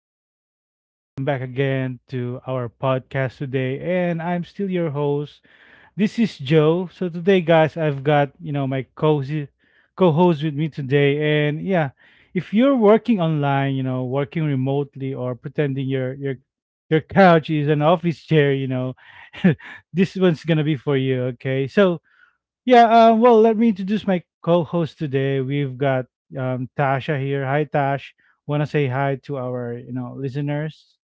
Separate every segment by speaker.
Speaker 1: everybody? Welcome back again to our podcast today, and I'm still your host. This is Joe. So today, guys, I've got my cozy co-host with me today, and yeah, if you're working online, working remotely, or pretending your couch is an office chair, this one's gonna be for you. Okay, so yeah, well, let me introduce my co-host today. We've got Tasha here. Hi, Tash. Want to say hi to our listeners?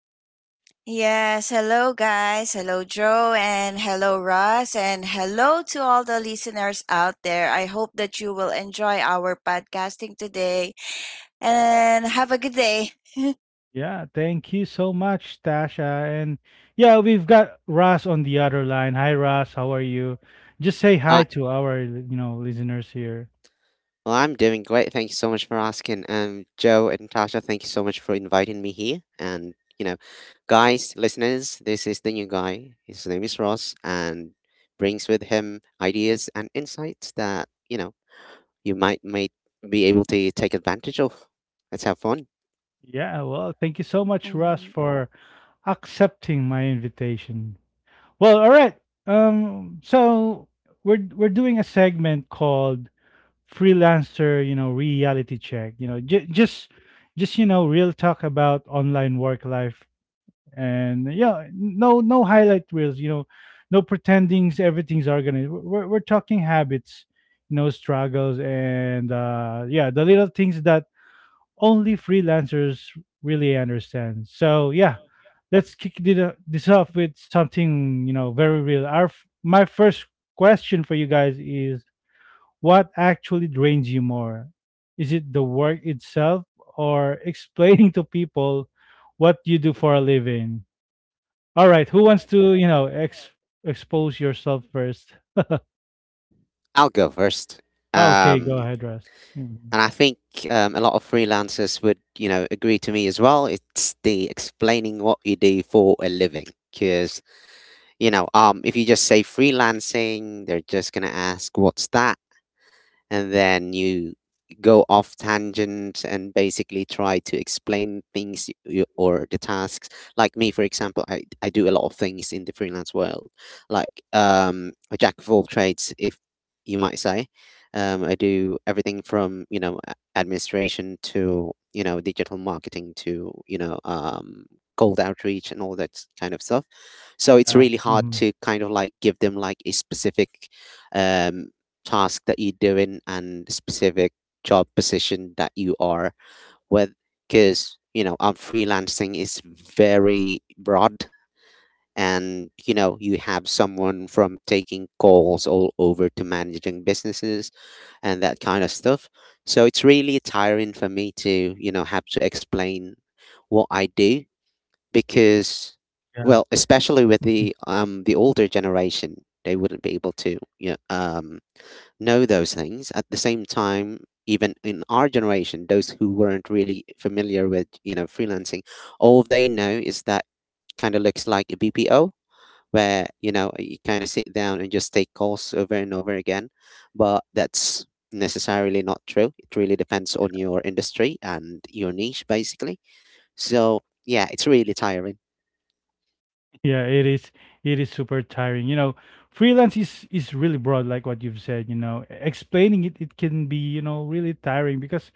Speaker 2: Yes, hello guys. Hello Joe and hello Russ and hello to all the listeners out there. I hope that you will enjoy our podcasting today and have a good day.
Speaker 1: Yeah, thank you so much, Tasha. And yeah, we've got Ross on the other line. Hi, Ross. How are you? Just say hi
Speaker 3: I
Speaker 1: to our listeners here.
Speaker 3: well, I'm doing great. Thank you so much for asking. Joe and Tasha here, and guide and bring some ideas and insights that you might be able to take advantage of. Let's have fun.
Speaker 1: Yeah, well,
Speaker 2: Mm-hmm.
Speaker 1: thank you so much, Russ, for accepting my invitation. Well, all right. So we're doing a segment called freelancer reality check, just real talk about online work life. And yeah, no highlight reels, no pretendings everything's organized. We're talking habits, struggles, and yeah, the little things that only freelancers really understand. So yeah, let's kick this off with something very real. My first question for you guys is, what actually drains you more? Is it the work itself or explaining to people what you do for a living? All right, who wants to, expose yourself first? Ah, okay, go ahead, Russ. Mhm.
Speaker 3: Agree to me as well. It's the explaining what you do for a living, because if you just say freelancing, they're just gonna ask, "What's that?" And then you go off tangent and basically try to explain things you, or the tasks, like me for example. I do a lot of things in the freelance world, like a jack of all trades, if you might say. I do everything from administration, to digital marketing, to cold outreach and all that kind of stuff.
Speaker 1: Yeah.
Speaker 3: So it's really
Speaker 1: Hmm.
Speaker 3: hard to kind of like give them like a specific um task that you're doing and specific job position that you are with, because freelancing is very broad. And you have someone from taking calls all over to managing businesses and that kind of stuff. So it's really tiring for me to have to explain what I do, because
Speaker 1: Yeah.
Speaker 3: well especially with
Speaker 1: Mhm.
Speaker 3: the the older generation, they wouldn't be able to know those things. At the same time, even in our generation, those who weren't really familiar with freelancing, all they know is that kind of looks like a BPO, where you kind of sit down and just take calls over and over again. But that's necessarily not true. It really depends on your industry and your niche, basically. So yeah, it's really tiring.
Speaker 1: Yeah, it is super tiring. Freelance is really broad, like what you've said. Explaining it can be, really tiring because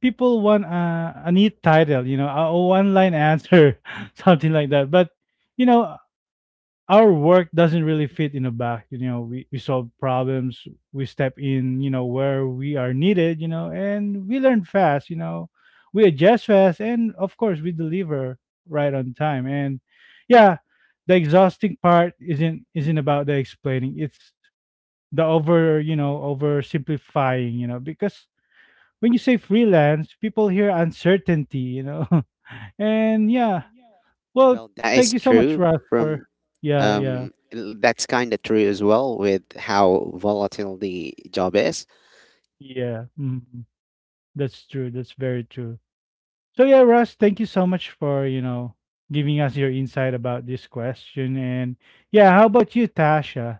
Speaker 1: people want a neat title, a one line answer, something like that. But, you know, our work doesn't really fit in a box. We solve problems, we step in, where we are needed, and we learn fast, we adjust fast, and of course, we deliver right on time. And yeah, the exhausting part isn't about the explaining. It's the oversimplifying, because when you say freelance, people hear uncertainty. And yeah, well,
Speaker 3: Well, that is
Speaker 1: thank you so much,
Speaker 3: true
Speaker 1: Russ,
Speaker 3: from
Speaker 1: for yeah, yeah,
Speaker 3: l- that's kind of true as well with how volatile the job is.
Speaker 1: yeah. Mhm. That's true. That's very true. So yeah, Russ, thank you so much for giving us your insight about this question. And yeah, how about you, Tasha?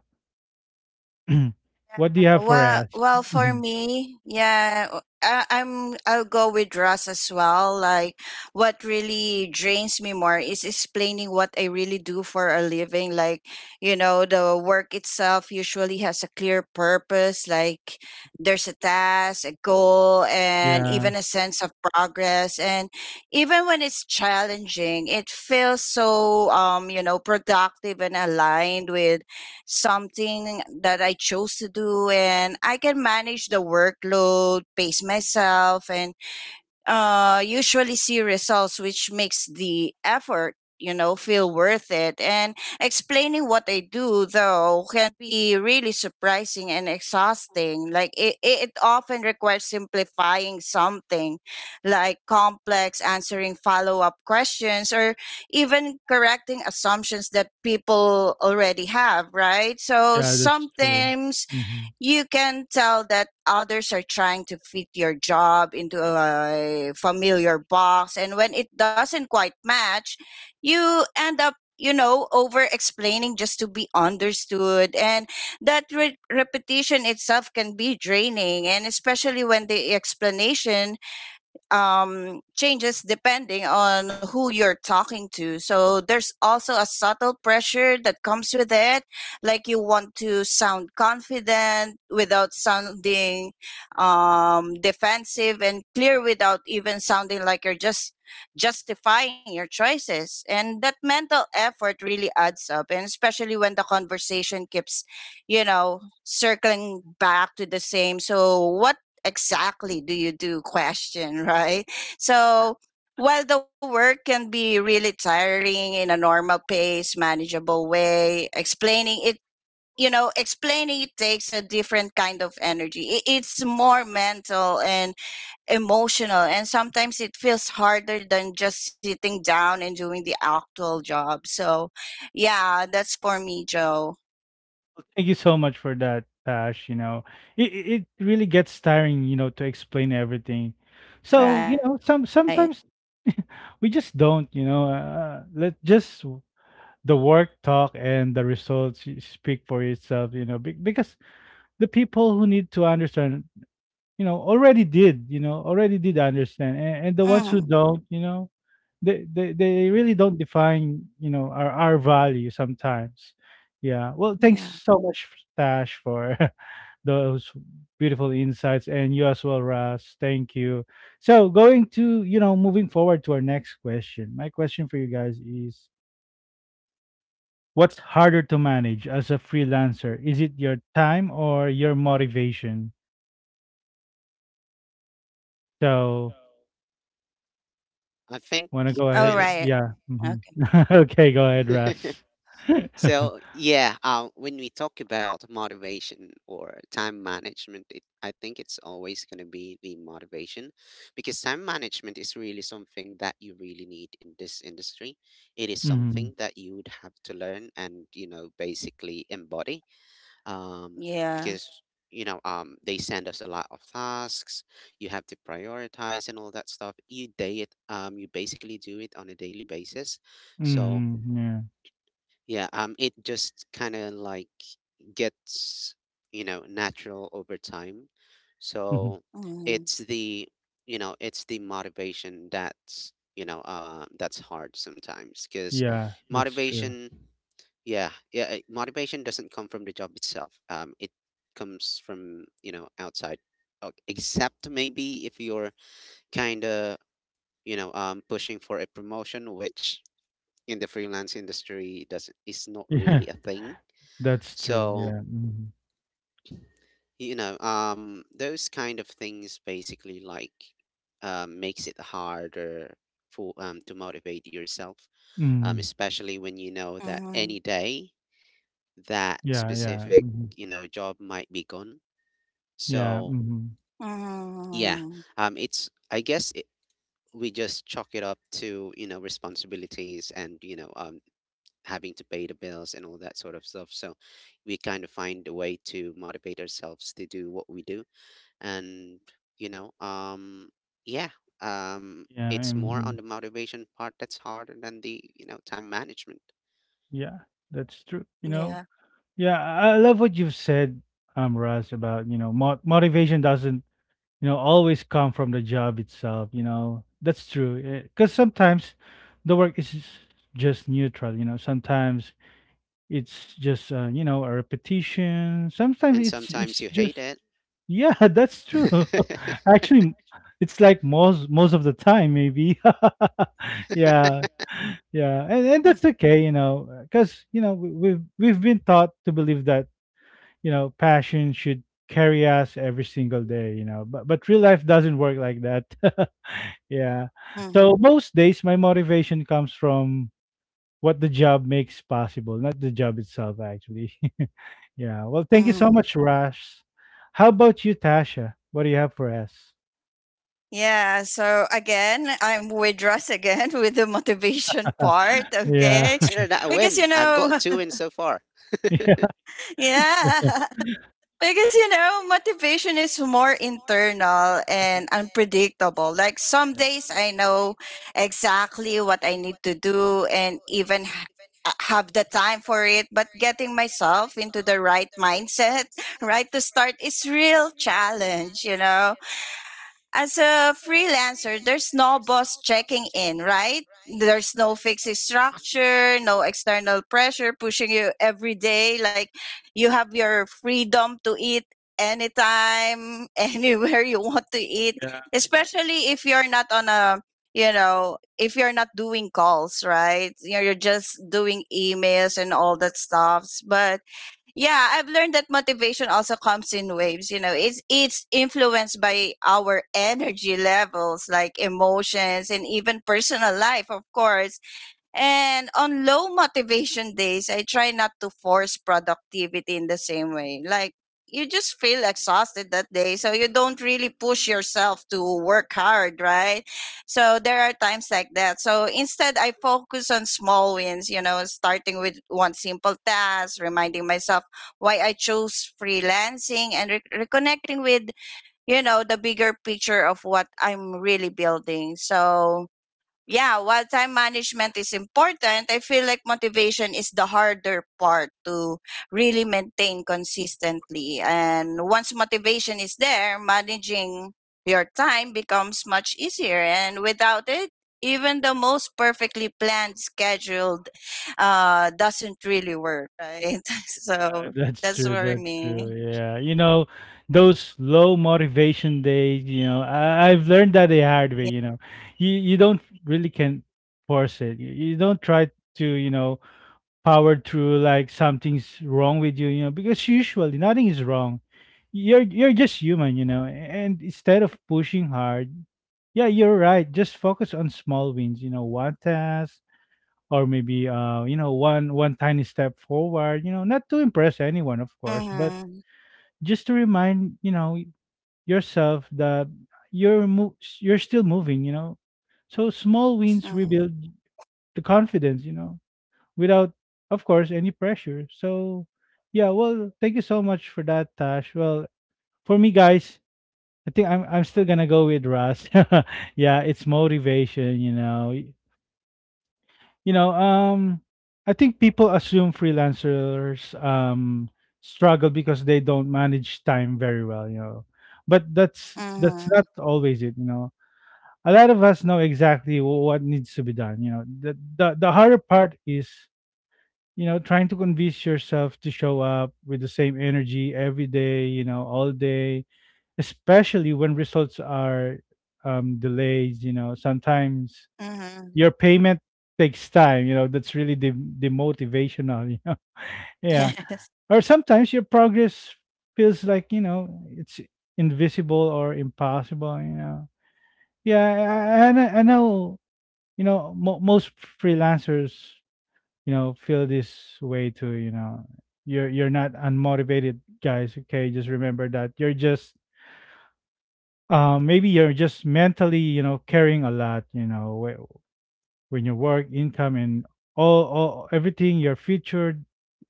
Speaker 1: What do you have
Speaker 2: Well,
Speaker 1: for
Speaker 2: well,
Speaker 1: us?
Speaker 2: for
Speaker 1: Mhm.
Speaker 2: me, yeah, I'll go with Russ as well. Like, what really drains me more is explaining what I really do for a living. Like, you know, the work itself usually has a clear purpose. Like, there's a task, a goal, and
Speaker 1: Yeah,
Speaker 2: even a sense of progress. And even when it's challenging, it feels so you know, productive and aligned with something that I chose to do and I can manage the workload, pace myself and usually see results, which makes the effort, you know, feel worth it. And explaining what I do, though, can be really surprising and exhausting. Like, it often requires simplifying something like complex, answering follow up questions, or even correcting assumptions that people already have, right? So
Speaker 1: yeah, that's true.
Speaker 2: sometimes
Speaker 1: Mm-hmm.
Speaker 2: you can tell that others are trying to fit your job into a familiar box, and when it doesn't quite match, you end up, you know, over explaining just to be understood, and that repetition itself can be draining, and especially when the explanation changes depending on who you're talking to. So there's also a subtle pressure that comes with it. Like you want to sound confident without sounding defensive, and clear without even sounding like you're just justifying your choices. And that mental effort really adds up. And especially when the conversation keeps, you know, circling back to the same. So, what exactly do you do question, right? So while the work can be really tiring in a normal pace, manageable way, explaining it, you know, explaining it takes a different kind of energy. It's more mental and emotional, and sometimes it feels harder than just sitting down and doing the actual job. So, yeah, that's for me, Joe.
Speaker 1: Thank you so much for that, Tash. It really gets tiring, to explain everything. So,
Speaker 2: Right.
Speaker 1: sometimes we just don't, let just the work talk and the results speak for itself, because the people who need to understand, already did, understand. And,
Speaker 2: Hmm.
Speaker 1: the ones who don't, they really don't define, our value sometimes. Yeah. Well,
Speaker 2: Yeah.
Speaker 1: thanks so much, Tash, for those beautiful insights, and you as well, Ras. Thank you. So, going to, you know, moving forward to our next question. My question for you guys is, what's harder to manage as a freelancer? Is it your time or your motivation? So,
Speaker 3: I think,
Speaker 1: want to go
Speaker 2: All
Speaker 3: you
Speaker 1: ahead?
Speaker 2: right.
Speaker 1: Yeah. Hmm.
Speaker 2: Okay.
Speaker 1: Okay, go ahead,
Speaker 3: know.
Speaker 1: Ras.
Speaker 3: So yeah, when we talk about motivation or time management, I think it's always going to be the motivation, because time management is really something that you really need in this industry. It is
Speaker 1: Hmm.
Speaker 3: something that you would have to learn and basically embody, um,
Speaker 2: Yeah.
Speaker 3: because they send us a lot of tasks. You have to prioritize and all that stuff. You day it, you basically do it on a daily basis. So
Speaker 1: Hmm. Yeah.
Speaker 3: yeah, it just kind of like gets, natural over time.
Speaker 1: Hmm.
Speaker 3: So
Speaker 2: Mhm.
Speaker 3: it's the, it's the motivation that's hard sometimes, because
Speaker 1: Yeah, that's true.
Speaker 3: motivation, yeah, motivation doesn't come from the job itself. It comes from, outside, except maybe if you're kind of, pushing for a promotion, which in the freelance industry doesn't is not
Speaker 1: Yeah,
Speaker 3: really a thing.
Speaker 1: that's true.
Speaker 3: So
Speaker 1: Yeah. Hmm.
Speaker 3: those kind of things basically like makes it harder for to motivate yourself,
Speaker 1: Mm.
Speaker 3: especially when you know that
Speaker 2: Mhm.
Speaker 3: any day that
Speaker 1: Yeah, yeah.
Speaker 3: specific
Speaker 1: Hmm.
Speaker 3: job might be gone.
Speaker 1: Yeah.
Speaker 3: So
Speaker 1: Hmm.
Speaker 2: Mhm.
Speaker 3: yeah, it's I guess we just chalk it up to responsibilities and having to pay the bills and all that sort of stuff. So we kind of find a way to motivate ourselves to do what we do. And, you know, um, yeah,
Speaker 1: Yeah,
Speaker 3: it's more
Speaker 1: mhm.
Speaker 3: on the motivation part that's harder than the, time management.
Speaker 1: Yeah, that's true.
Speaker 2: Yeah.
Speaker 1: Yeah, I love what you've said, Russ, about, mo motivation doesn't, always come from the job itself. That's true. Because sometimes the work is just neutral. Sometimes it's just, a repetition. Sometimes
Speaker 3: And
Speaker 1: it's
Speaker 3: sometimes
Speaker 1: it's
Speaker 3: you hate
Speaker 1: just...
Speaker 3: it.
Speaker 1: Yeah, that's true. Actually, it's like most of the time, maybe. Yeah, yeah, and
Speaker 2: Mm-hmm.
Speaker 1: that's okay, because we've been taught to believe that passion should carry us every single day, but real life doesn't work like that. Yeah,
Speaker 2: Mm, mhm,
Speaker 1: so most days my motivation comes from what the job makes possible, not the job itself, actually. Yeah. Well, thank you so
Speaker 2: mhm.
Speaker 1: much, Rash. How about you, Tasha? What do you have for us?
Speaker 2: Yeah. So again, I'm with Russ again with the motivation part.
Speaker 3: Well,
Speaker 1: Yeah.
Speaker 2: Okay.
Speaker 3: consider that a
Speaker 2: Because, you
Speaker 3: win. I've
Speaker 2: know,
Speaker 3: got two wins so far.
Speaker 1: Yeah.
Speaker 2: yeah. Because you know, motivation is more internal
Speaker 1: Mhm.
Speaker 2: and unpredictable. Like some
Speaker 1: Yeah,
Speaker 2: days I know exactly what I need to do and even have the time for it, but getting myself into the right mindset, right, to start is real challenge, you know, as a freelancer, there's no boss checking in, right? There's no fixed
Speaker 3: Mhm.
Speaker 2: structure, no external pressure pushing you every day. Like you have your freedom to eat anytime, anywhere you want to eat,
Speaker 1: yeah,
Speaker 2: especially if you're not on a, you know, if you're not doing calls, right? You're just doing emails and all that stuff. But yeah, I've learned that motivation also comes in waves. You know, it's influenced by our energy levels, like emotions, and even personal life, of course. And on low motivation days, I try not to force productivity in the same way. Like, you just feel exhausted that day, so you don't really push yourself to work hard, right? So, there are times like that. So, instead, I focus on small wins, you know, starting with one simple task, reminding myself why I chose freelancing and reconnecting with, you know, the bigger picture of what I'm really building. So, yeah, while time management is important, I feel like motivation is the harder part to really maintain consistently. And once motivation is there, managing your time becomes much easier. And without it, even the most perfectly planned scheduled doesn't really work, right?
Speaker 1: yeah,
Speaker 2: so
Speaker 1: that's
Speaker 2: that's
Speaker 1: true.
Speaker 2: for
Speaker 1: That's true.
Speaker 2: me.
Speaker 1: Yeah, those low motivation days. I've learned that the hard way. You don't really can force it. You don't try to. Powered through like something's wrong with you, because usually nothing is wrong. You're just human. And instead of pushing hard, yeah, you're right. Just focus on small wins, one task, or maybe one tiny step forward, not to impress anyone, of course, but
Speaker 2: Mm-hmm.
Speaker 1: just to remind, yourself that you're still moving. So small wins
Speaker 2: Mm-hmm.
Speaker 1: rebuild the confidence, without, of course, any pressure. So, yeah, well, thank you so much for that, Tash. Well, for me, guys, I think I'm still gonna go with Russ. Yeah, it's motivation. You know, um, I think people assume freelancers struggle because they don't manage time very well. But that's
Speaker 2: Mm-hmm.
Speaker 1: not always it. A lot of us know exactly what needs to be done. The harder part is, trying to convince yourself to show up with the same energy every day, all day, especially when results are delayed, sometimes
Speaker 2: Mm-hmm.
Speaker 1: your payment takes time, that's really demotivational. Yeah.
Speaker 2: Yes.
Speaker 1: Or sometimes your progress feels like, it's invisible or impossible. Yeah. I know, most freelancers, feel this way too, you know. You're not unmotivated, guys, okay? Just remember that. You're just maybe you're just mentally, carrying a lot, when your work, income, and all everything, your future,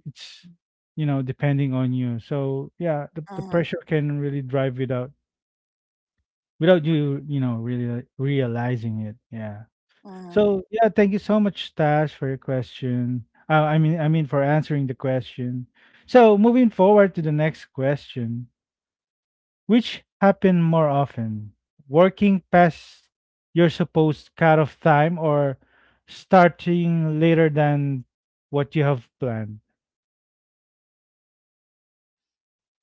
Speaker 1: it's, depending on you. So, yeah, the
Speaker 2: Mm-hmm.
Speaker 1: pressure can really drive without you, really realizing it. Yeah. So
Speaker 2: Mm-hmm.
Speaker 1: yeah, thank you so much, Tash, for your question. I mean, for answering the question. So moving forward to the next question, which happen more often, working past your supposed cutoff time or starting later than what you have planned?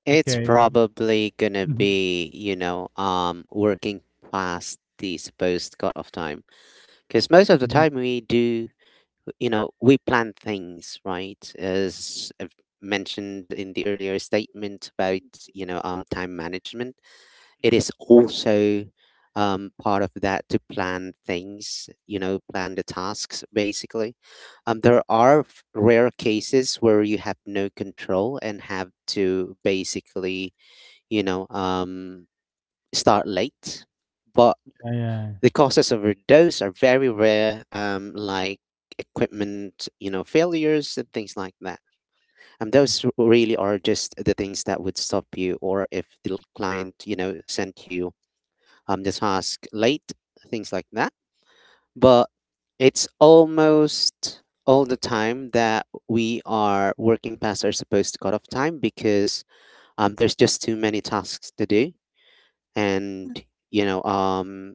Speaker 3: It's
Speaker 1: Okay.
Speaker 3: probably gonna
Speaker 1: Mhm,
Speaker 3: be, working past the supposed cut off time, because most of the time
Speaker 1: mhm.
Speaker 3: we do we plan things, right, as I've mentioned in the earlier statement about time management. It is also part of that, to plan things, plan the tasks, basically. There are rare cases where you have no control and have to basically you know um start late, but
Speaker 1: Yeah, yeah,
Speaker 3: the causes of overdose are very rare, like equipment, failures and things like that.
Speaker 1: mhm.
Speaker 3: Those really are just the things that would stop you, or if the client, sent you the task late, things like that. But it's almost all the time that we are working past our supposed cutoff time, because there's just too many tasks to do, and you know, um,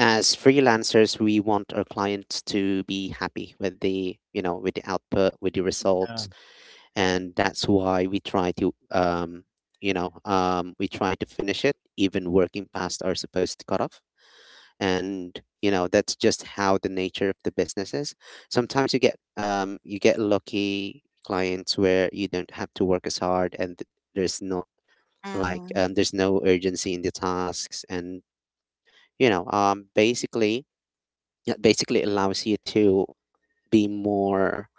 Speaker 3: as freelancers we want our clients to be happy with the output, with the
Speaker 1: Yeah,
Speaker 3: results, and that's why we try to you know we try to finish it, even working past our supposed cutoff. And that's just how the nature of the business is. Sometimes you get lucky clients where you don't have to work as hard, and there's not like there's no urgency in the tasks, and basically that basically allows you be more,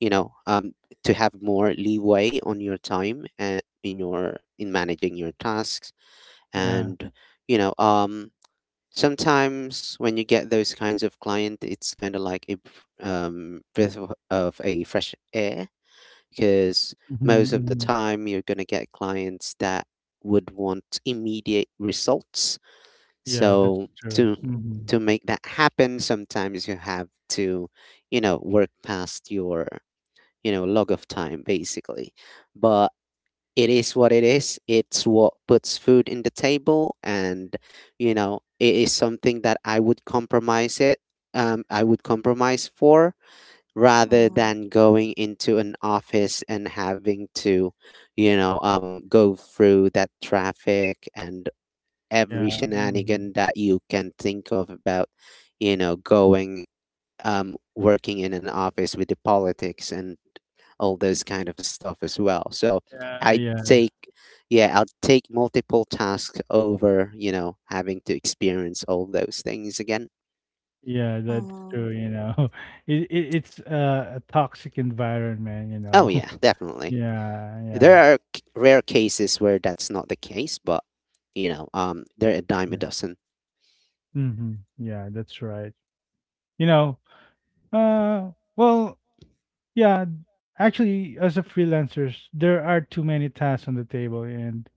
Speaker 3: you know, um, to have more leeway on your time and in managing your tasks.
Speaker 1: yeah.
Speaker 3: And you know, um, sometimes when you get those kinds of client, it's kind of like a breath of a fresh air, because
Speaker 1: Mhm,
Speaker 3: most of the
Speaker 1: mhm.
Speaker 3: time you're gonna get clients that would want immediate results,
Speaker 1: Yeah, that's
Speaker 3: so
Speaker 1: true.
Speaker 3: to
Speaker 1: Mhm.
Speaker 3: make that happen, sometimes you have to, work past your, log of time, basically. But it is what it is. It's what puts food in the table, and, it is something that I would compromise it. I would compromise for, rather
Speaker 2: Mm-hmm.
Speaker 3: than going into an office and having to, go through that traffic and
Speaker 1: Yeah,
Speaker 3: every
Speaker 1: mhm.
Speaker 3: shenanigan that you can think of about, you know, going, working in an office with the politics and all those kind of stuff as well. So
Speaker 1: Yeah,
Speaker 3: I
Speaker 1: yeah.
Speaker 3: take, yeah, I'll take multiple tasks over, having to experience all those things again.
Speaker 1: Yeah, that's true,
Speaker 2: Mm,
Speaker 1: you know. It's a toxic environment, you
Speaker 3: Oh,
Speaker 1: know.
Speaker 3: yeah, definitely.
Speaker 1: Yeah,
Speaker 3: There
Speaker 1: yeah,
Speaker 3: are rare cases where that's not the case, but they're a dime a
Speaker 1: yeah.
Speaker 3: dozen.
Speaker 1: Mhm. Yeah, that's right. You know, well, yeah, actually as a freelancers, there are too many tasks on the table, and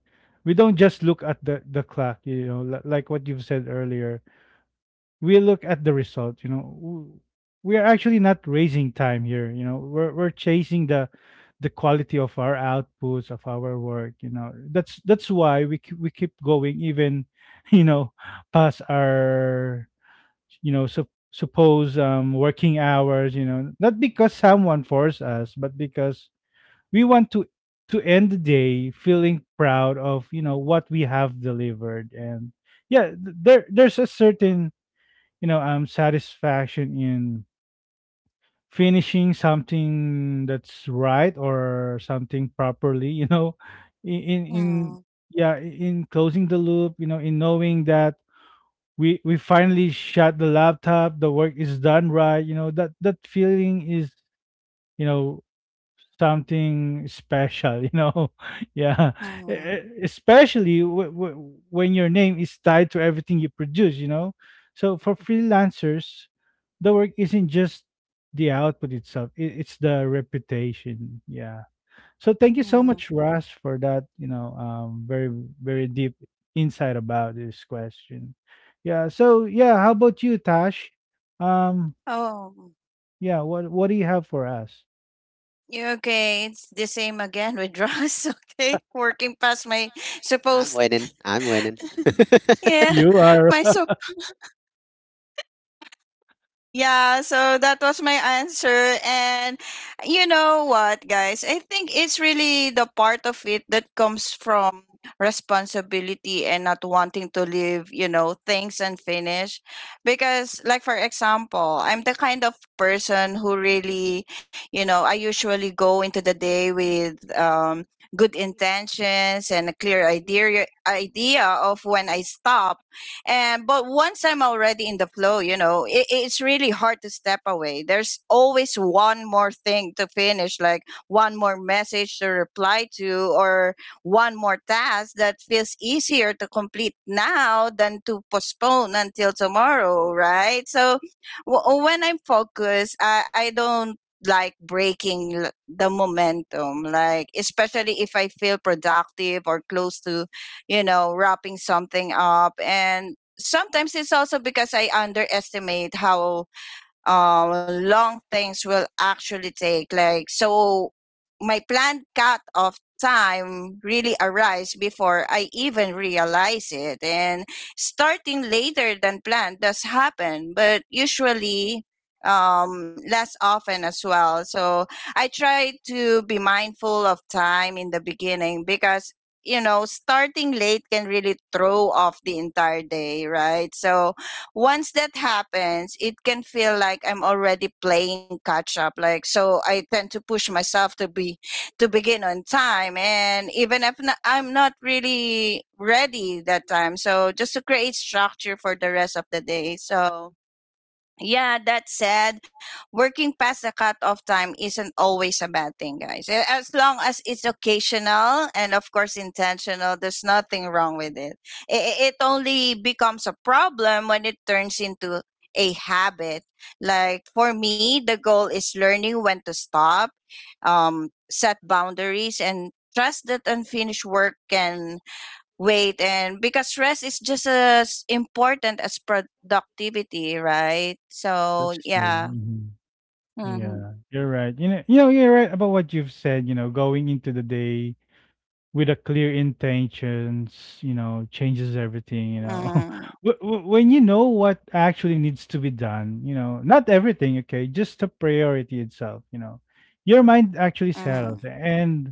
Speaker 1: we don't just look at the clock, like what you've said earlier. We look at the result. We are actually not raising time here. We're chasing the quality of our outputs, of our work. That's why we keep going, even you know past our suppose working hours, not because someone forced us, but because we want to end the day feeling proud of what we have delivered. And yeah, there's a certain satisfaction in finishing something that's right, or something properly. in in, in
Speaker 2: mm,
Speaker 1: yeah in closing the loop, in knowing that we finally shut the laptop, the work is done right. That feeling is, you know something special. Yeah. E-
Speaker 2: mm,
Speaker 1: e- especially when your name is tied to everything you produce. So for freelancers, the work isn't just the output itself. It's the reputation. Yeah. So thank you so
Speaker 2: mm.
Speaker 1: much, Russ, for that. Very, very deep insight about this question. Yeah. So yeah, how about you, Tash? um
Speaker 2: Oh,
Speaker 1: yeah. What do you have for us?
Speaker 2: you okay? It's the same again with Ross. Okay, working past my
Speaker 3: I'm
Speaker 2: supposed
Speaker 3: winning. I'm winning.
Speaker 2: yeah,
Speaker 1: You are
Speaker 2: my Yeah, so that was my answer. And you know what, guys? I think it's really the part of it that comes from responsibility and not wanting to leave, you know, things unfinished. Because, like, for example, I'm the kind of person who really, you know, I usually go into the day with, good intentions and a clear idea of when I stop, and but once I'm already in the flow, you know, it's really hard to step away. There's always one more thing to finish, like one more message to reply to, or one more task that feels easier to complete now than to postpone until tomorrow, right? So when I'm focused, I don't like breaking the momentum, like especially if I feel productive or close to, you know, wrapping something up. And sometimes it's also because I underestimate how long things will actually take. Like, so my planned cut off time really arrives before I even realize it. And starting later than planned does happen, but usually less often as well. So I try to be mindful of time in the beginning, because you know starting late can really throw off the entire day, right? So once that happens, it can feel like I'm already playing catch up. Like so, I tend to push myself to be to begin on time, and even if not, I'm not really ready that time, so just to create structure for the rest of the day. So yeah, that said, working past the cutoff time isn't always a bad thing, guys. As long as it's occasional and, of course, intentional, there's nothing wrong with it. I- It only becomes a problem when it turns into a habit. Like for me, the goal is learning when to stop, set boundaries, and trust that unfinished work can weight, and because rest is just as important as productivity, right? So
Speaker 1: that's true.
Speaker 2: yeah.
Speaker 1: Mhm.
Speaker 2: Mm-hmm.
Speaker 1: Yeah, you're right. You're right about what you've said. Going into the day with a clear intentions, changes
Speaker 2: Mm-hmm.
Speaker 1: everything. When you know what actually needs to be done, not everything, okay, just the priority itself, you know. Your mind actually
Speaker 2: Mm-hmm.
Speaker 1: settles, and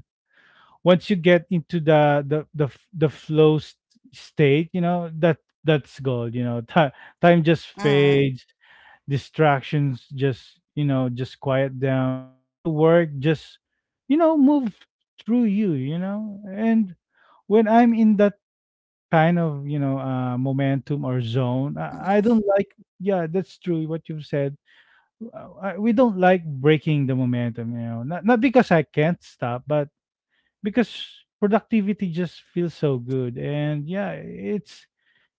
Speaker 1: once you get into the flow state, that's gold. Time just
Speaker 2: Mm-hmm.
Speaker 1: fades, distractions just you know just quiet down, and the work just, move through you, you know. And when I'm in that
Speaker 2: Mm-hmm.
Speaker 1: kind of, you know, momentum or zone, I don't like... Yeah, that's true what you've said. I, we don't like breaking the momentum, you know, not because I can't stop, but because productivity just feels so good. And yeah, it's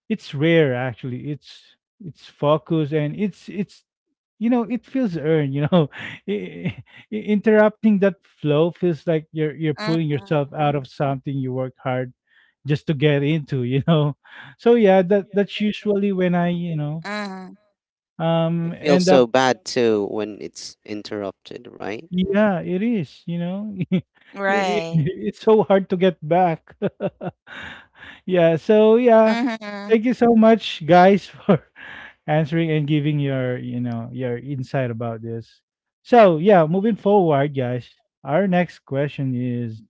Speaker 1: it's rare, actually. It's focus, and it's you know, it feels earned, you know. I- Interrupting that
Speaker 2: Mm-hmm.
Speaker 1: flow feels like you're pulling yourself out of something you work hard just to get into, you know. So yeah, that's
Speaker 2: Mm-hmm.
Speaker 1: usually when I, you know,
Speaker 3: I feel
Speaker 1: end up...
Speaker 3: so bad too when it's interrupted, right?
Speaker 1: Yeah, it is, you know?
Speaker 2: Right.
Speaker 1: It it's so hard to get back. Yeah,
Speaker 2: Mm-hmm.
Speaker 1: so yeah. Thank you so much, guys, for answering and giving your, you know, your insight about this. So, yeah, moving forward, guys, our next question is: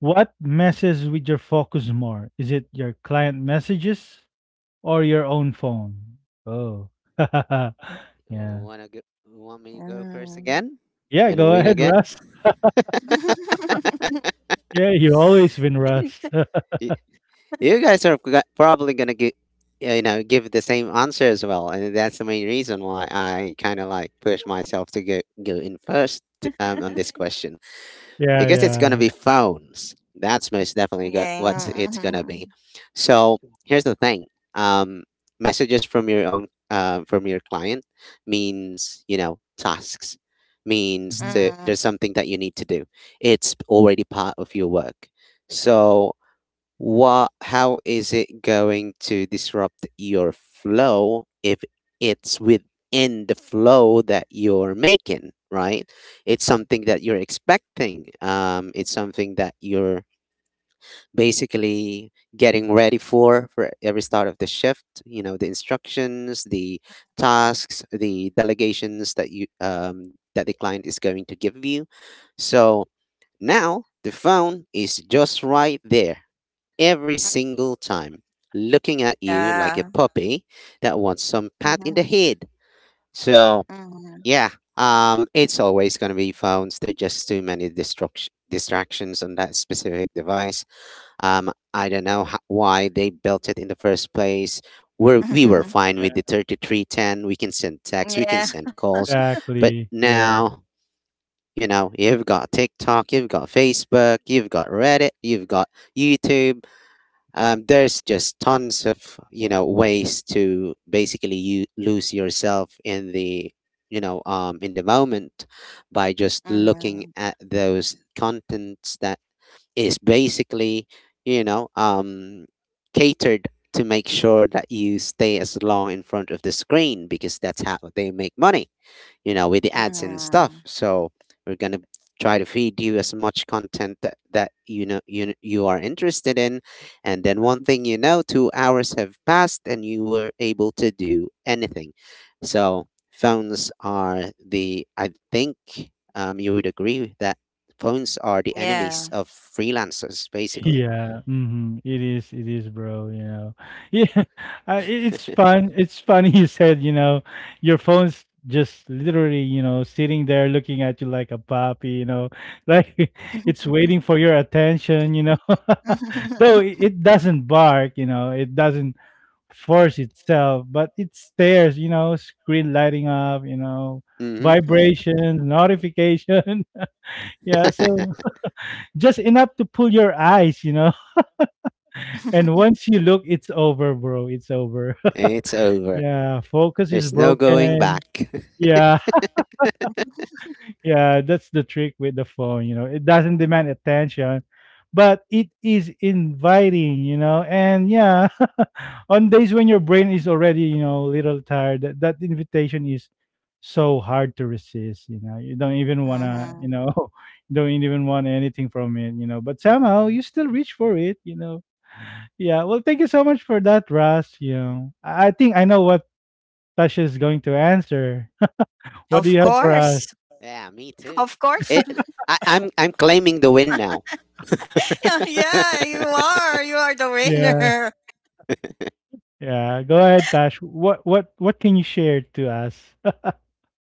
Speaker 1: what messes with your focus more? Is it your client messages or your own phone? Oh.
Speaker 3: We
Speaker 1: Yeah.
Speaker 3: wanna go, we want me to go
Speaker 2: Mm-hmm.
Speaker 3: first again
Speaker 1: Yeah,
Speaker 3: and
Speaker 1: go
Speaker 3: win
Speaker 1: ahead,
Speaker 3: again.
Speaker 1: Russ. Yeah, you always win, Russ.
Speaker 3: Y- You guys are probably gonna give the same answer as well, and that's the main reason why I kind of like push myself to go in first, on this question. I
Speaker 1: Yeah,
Speaker 3: guess it's gonna
Speaker 1: yeah.
Speaker 3: be phones. That's most definitely what
Speaker 2: yeah.
Speaker 3: it's gonna
Speaker 2: Mm-hmm.
Speaker 3: be. So here's the thing: um, messages from your own from your client means tasks,
Speaker 1: Mhm.
Speaker 3: there's
Speaker 2: Mm-hmm.
Speaker 3: something that you need to do. It's already part of your work. So how is it going to disrupt your flow if it's within the flow that you're making, right? It's something that you're expecting. It's something that you're basically getting ready for every start of the shift. You know, the instructions, the tasks, the delegations that the client is going to give you. So now the phone is just right there every single time, looking at you like a
Speaker 2: Yeah.
Speaker 3: puppy that wants some pat in the
Speaker 2: Mm-hmm.
Speaker 3: head. So,
Speaker 2: Mm-hmm.
Speaker 3: yeah, it's always going to be phones. There are just too many distractions on that specific device. I don't know why they built it in the first place. We were fine with the
Speaker 1: Yeah,
Speaker 3: 3310. We can send texts, we can
Speaker 2: yeah.
Speaker 3: send calls. But
Speaker 1: exactly. Yeah.
Speaker 3: now, you've got TikTok, you've got Facebook, you've got Reddit, you've got YouTube. There's just tons of ways to basically you lose yourself in the you know in the moment by just looking
Speaker 2: Mm-hmm.
Speaker 3: at those contents that is basically you know um catered to make sure that you stay as long in front of the screen, because that's how they make money, with the ads and stuff.
Speaker 2: Mm-hmm.
Speaker 3: So we're gonna try to feed you as much content that you are interested in, and then one thing 2 hours have passed and you were able to do anything. So phones are the I think, you would agree that phones are the enemies
Speaker 2: Yeah.
Speaker 3: of freelancers, basically.
Speaker 1: Yeah. Mhm. It is, bro, you know. Yeah. It's fun. It's funny you said, you know, your phone's just literally, you know, sitting there looking at you like a puppy, you know, like it's waiting for your attention, you know. Though it doesn't bark, you know, it doesn't force itself, but it stares, you know, screen lighting up, you know,
Speaker 3: Mm-hmm.
Speaker 1: vibration, notification. Yeah, so just enough to pull your eyes, you know. And once you look, it's over, bro. It's over.
Speaker 3: It's over.
Speaker 1: Yeah, focus is
Speaker 3: There's no going
Speaker 1: broken.
Speaker 3: back.
Speaker 1: Yeah, yeah, that's the trick with the phone, you know. It doesn't demand attention, but it is inviting, you know. And yeah, on days when your brain is already, you know, a little tired, that invitation is so hard to resist, you know. You don't even want to, you know,
Speaker 2: Mhm.
Speaker 1: don't even want anything from it, you know. But somehow you still reach for it, you know. Yeah, well, thank you so much for that, Russ. You know, I think I know what Tash is going to answer. What do you
Speaker 2: Of
Speaker 1: have for us?
Speaker 2: course.
Speaker 3: Yeah, me too.
Speaker 2: Of course.
Speaker 3: It, I, I'm claiming the win now.
Speaker 2: Yeah, yeah, you are. You are the
Speaker 1: Yeah,
Speaker 2: winner.
Speaker 1: yeah. Go ahead, Tash. What can you share to us?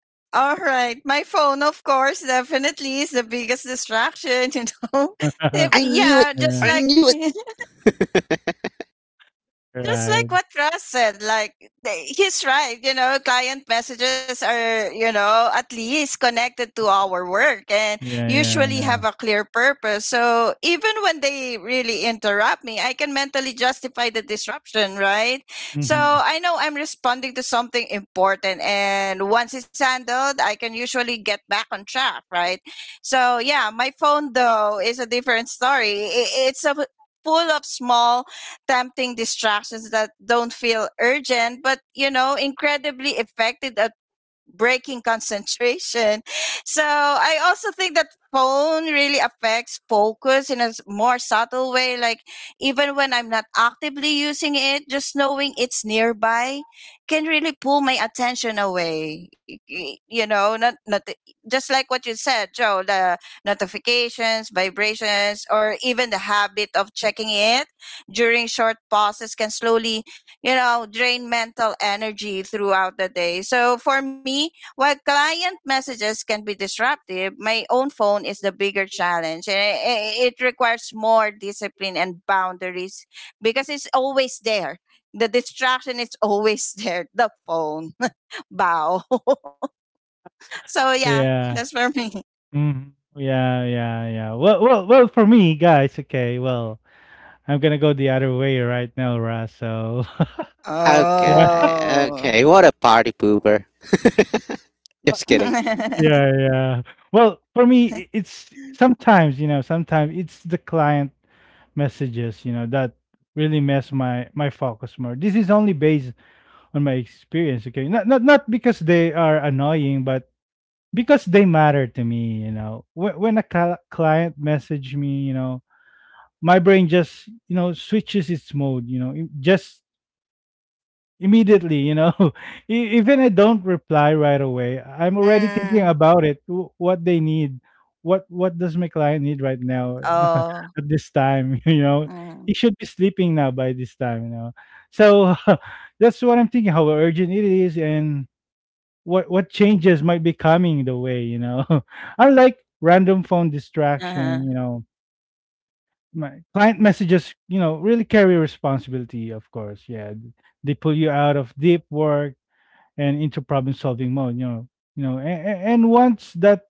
Speaker 2: All right. My phone, of course, definitely is the biggest distraction, you know.
Speaker 1: Yeah,
Speaker 3: I knew it.
Speaker 2: Yeah, just
Speaker 3: I
Speaker 2: like
Speaker 3: knew it.
Speaker 2: just like
Speaker 1: right.
Speaker 2: what Russ said, like they, he's right. You know, client messages are, you know, at least connected to our work and
Speaker 1: Yeah, yeah,
Speaker 2: usually
Speaker 1: yeah.
Speaker 2: have a clear purpose. So even when they really interrupt me, I can mentally justify the disruption, right? So
Speaker 1: Hmm.
Speaker 2: I know I'm responding to something important, and once it's handled, I can usually get back on track, right? So yeah, my phone though is a different story. I it's a full of small tempting distractions that don't feel urgent, but you know, incredibly effective at breaking concentration. So I also think that phone really affects focus in a more subtle way. Like even when I'm not actively using it, just knowing it's nearby can really pull my attention away. You know, not just like what you said, Joe, the notifications, vibrations, or even the habit of checking it during short pauses can slowly, you know, drain mental energy throughout the day. So for me, while client messages can be disruptive, my own phone is the bigger challenge. And it requires more discipline and boundaries because it's always there. The distraction is always there. The phone. Bow. so yeah, that's
Speaker 1: Yeah,
Speaker 2: for me.
Speaker 1: hmm, yeah, yeah, yeah. Well, well, well. For me, guys. Okay, well, I'm gonna go the other way right now, Russ. So yeah,
Speaker 3: Okay,
Speaker 2: Oh.
Speaker 3: okay. What a party pooper. Just kidding.
Speaker 1: yeah, yeah. Well, for me, it's sometimes, you know, sometimes it's the client messages, you know, that really mess my my focus more. This is only based on my experience, okay? Not because they are annoying, but because they matter to me, you know. When a client message me, you know, my brain just, you know, switches its mode, you know, it just immediately, you know, even I don't reply right away,
Speaker 2: mm.
Speaker 1: I'm already thinking about it, what they need, what does my client need right now?
Speaker 2: Oh.
Speaker 1: At this time, you
Speaker 2: Mm.
Speaker 1: know, he should be sleeping now by this time, you know. So, that's what I'm thinking: how urgent it is, and what changes might be coming the way, you know. Unlike random phone
Speaker 2: Uh-huh.
Speaker 1: distraction, you know, my client messages, you know, really carry responsibility. Of course, yeah, they pull you out of deep work and into problem solving mode, you know. You know, and once that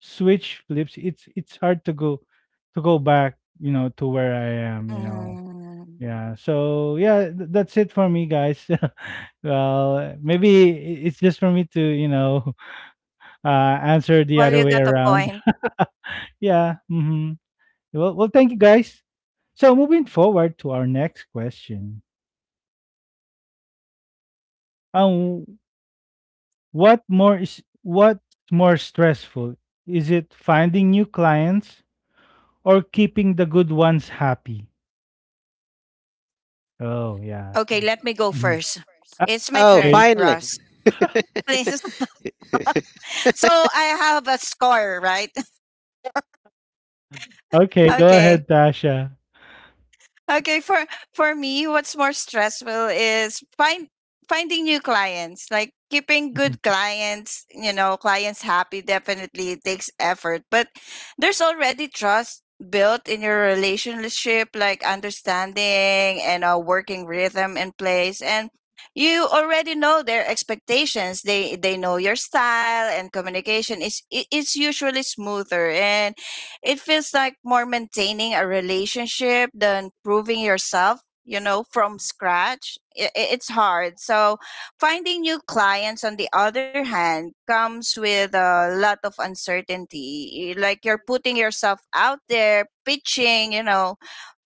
Speaker 1: switch flips, it's hard to go, to go back, you know, to where I am, you know.
Speaker 2: Mm.
Speaker 1: Yeah, so yeah, that's it for me, guys. Well, maybe it's just for me to, you know, answer
Speaker 2: Well,
Speaker 1: the
Speaker 2: you
Speaker 1: other way
Speaker 2: got a
Speaker 1: around.
Speaker 2: point.
Speaker 1: Yeah, mm-hmm. Well, well, thank you, guys. So, moving forward to our next question, um what's more stressful: is it finding new clients or keeping the good ones happy? Oh,
Speaker 2: Okay,
Speaker 1: yeah.
Speaker 2: let me
Speaker 1: This-
Speaker 2: go first.
Speaker 1: Mhm.
Speaker 2: It's my
Speaker 3: Oh,
Speaker 2: turn,
Speaker 1: Okay.
Speaker 2: Ross.
Speaker 3: finally.
Speaker 2: Please. So I have a score, right?
Speaker 1: Okay, go
Speaker 2: Okay.
Speaker 1: ahead, Tasha.
Speaker 2: Okay, for me, what's more stressful is finding new clients. Like keeping
Speaker 1: Mhm.
Speaker 2: good clients, you know, clients happy, definitely it takes effort, but there's already trust built in your relationship, like understanding and a working rhythm in place, and you already know their expectations. They know your style, and communication is usually smoother, and it feels like more maintaining a relationship than proving yourself, you know, from scratch. It's hard. So, finding new clients, on the other hand, comes with a lot of uncertainty. Like you're putting yourself out there, pitching, you know,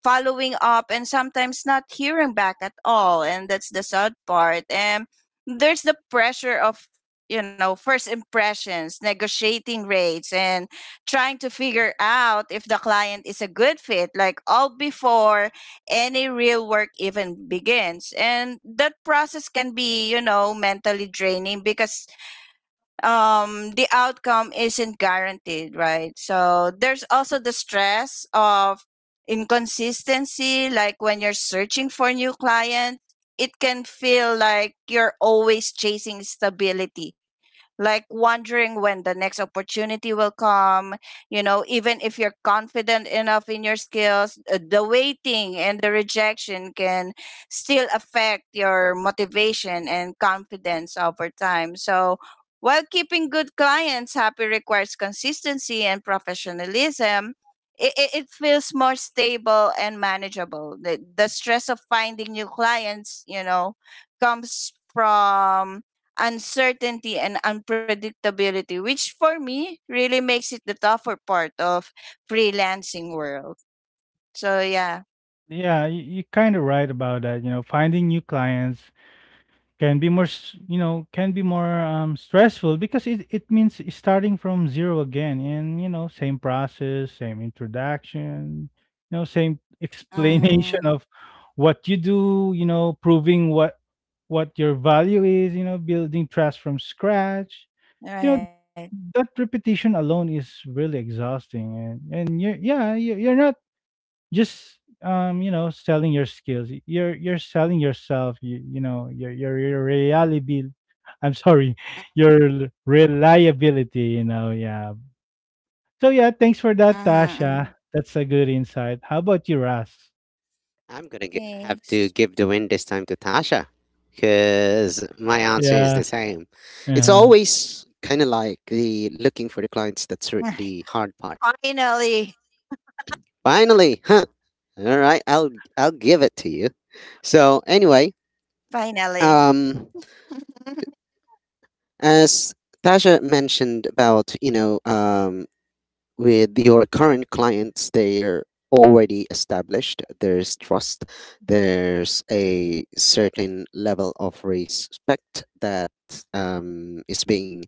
Speaker 2: following up and sometimes not hearing back at all, and that's the sad part. And there's the pressure of, you know, first impressions, negotiating rates, and trying to figure out if the client is a good fit, like all before any real work even begins. And that process can be, you know, mentally draining, because the outcome isn't guaranteed, right? So there's also the stress of inconsistency, like when you're searching for new clients, it can feel like you're always chasing stability, like wondering when the next opportunity will come. You know, even if you're confident enough in your skills, the waiting and the rejection can still affect your motivation and confidence over time. So while keeping good clients happy requires consistency and professionalism, it feels more stable and manageable. The stress of finding new clients, you know, comes from uncertainty and unpredictability, which for me really makes it the tougher part of freelancing world. So yeah.
Speaker 1: Yeah, you, you're kind of right about that. You know, finding new clients can be more, you know, can be more, stressful, because it means starting from zero again and, you know, same process, same introduction, you know, same explanation of what
Speaker 2: Mm-hmm.
Speaker 1: you do, you know, proving what your value is, you know, building trust from scratch, you know. That
Speaker 2: Right.
Speaker 1: repetition alone is really exhausting, and you're, yeah, you're not just, you know, selling your skills. You're selling yourself, you know, your reliability. I'm sorry, your reliability, you
Speaker 2: Mm-hmm.
Speaker 1: know. Yeah, so yeah, thanks for that, Tasha. That's a good insight. How about you, Ras?
Speaker 2: Mm-hmm.
Speaker 3: I'm gonna have to give the win this time to Tasha, because
Speaker 2: Thanks.
Speaker 3: my answer is
Speaker 1: Yeah,
Speaker 3: the same. It's
Speaker 1: uh-huh.
Speaker 3: always kind of like the looking for the clients that's the hard part.
Speaker 2: Finally.
Speaker 3: Finally, huh? All right, I'll give it to you. So anyway, um,
Speaker 2: Mm-hmm.
Speaker 3: as
Speaker 2: Finally.
Speaker 3: Tasha mentioned about with your current clients, they're already established, there's trust, there's a certain level of respect that is being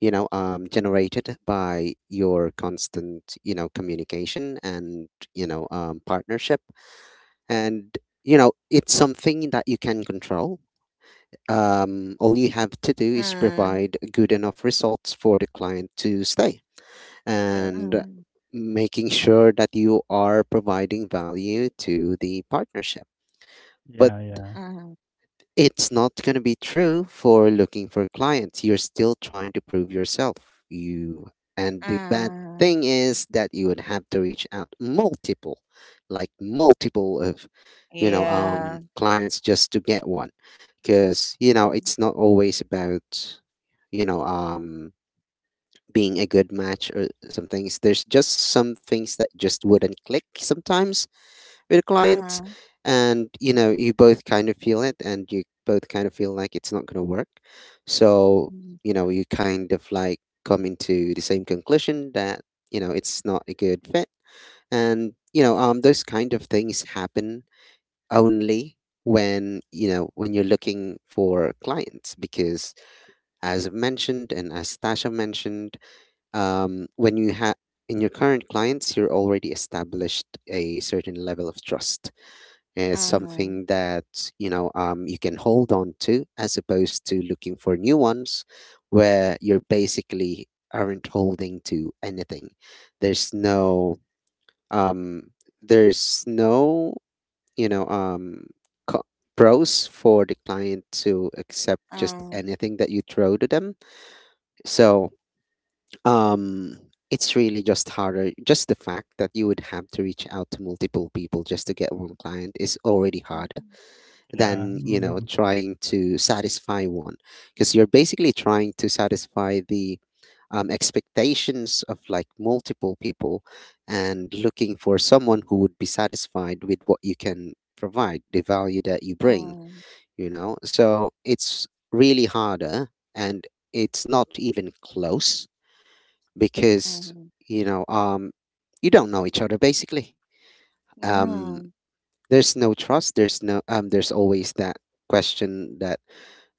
Speaker 3: generated by your constant communication and partnership, and it's something that you can control. Um, all you have to do is provide good enough
Speaker 2: Mm.
Speaker 3: results for the client to stay,
Speaker 1: Yeah.
Speaker 3: and making
Speaker 2: Mhm.
Speaker 3: sure that you are providing value to the partnership. But
Speaker 1: Yeah, yeah,
Speaker 2: Mhm.
Speaker 3: it's not going to be true for looking for clients. You're still trying to prove yourself. You And the bad thing is that you would have to reach out multiple, like multiple of
Speaker 2: Yeah.
Speaker 3: clients just to get one, because you know it's
Speaker 2: Uh.
Speaker 3: not always about you know um being a good match or some things. There's just some things that just wouldn't click sometimes with a client, and you know you both kind of feel it, and you both kind of feel like it's not going to work. So
Speaker 2: Mm.
Speaker 3: you know you kind of like come into the same conclusion that you know it's not a good fit, and those kind of things happen only when you know, when you're looking for clients, because as I've mentioned and as Tasha mentioned, when you have in your current clients, you're already established a certain level of trust. It's
Speaker 2: Uh-huh.
Speaker 3: something that you can hold on to, as opposed to looking for new ones, where you're basically aren't holding to anything. There's
Speaker 2: Uh
Speaker 3: no
Speaker 2: huh.
Speaker 3: um, there's no you know um, co- pros for the client to accept just
Speaker 2: Uh.
Speaker 3: anything that you throw to them. So um, it's really just harder. Just the fact that you would have to reach out to multiple people just to get one client is already
Speaker 2: Um,
Speaker 3: harder
Speaker 2: mhm, yeah.
Speaker 1: yeah,
Speaker 3: than, you know,
Speaker 1: mm-hmm.
Speaker 3: trying to satisfy one. Because you're basically trying to satisfy the expectations of like multiple people, and looking for someone who would be satisfied with what you can provide, the value that you bring,
Speaker 2: Um.
Speaker 3: you know? So it's really harder, and it's not even close,
Speaker 2: Uh
Speaker 3: because
Speaker 2: huh.
Speaker 3: you know um you don't know each other basically.
Speaker 2: Uh,
Speaker 3: um
Speaker 2: huh.
Speaker 3: there's no trust, there's no there's always that question that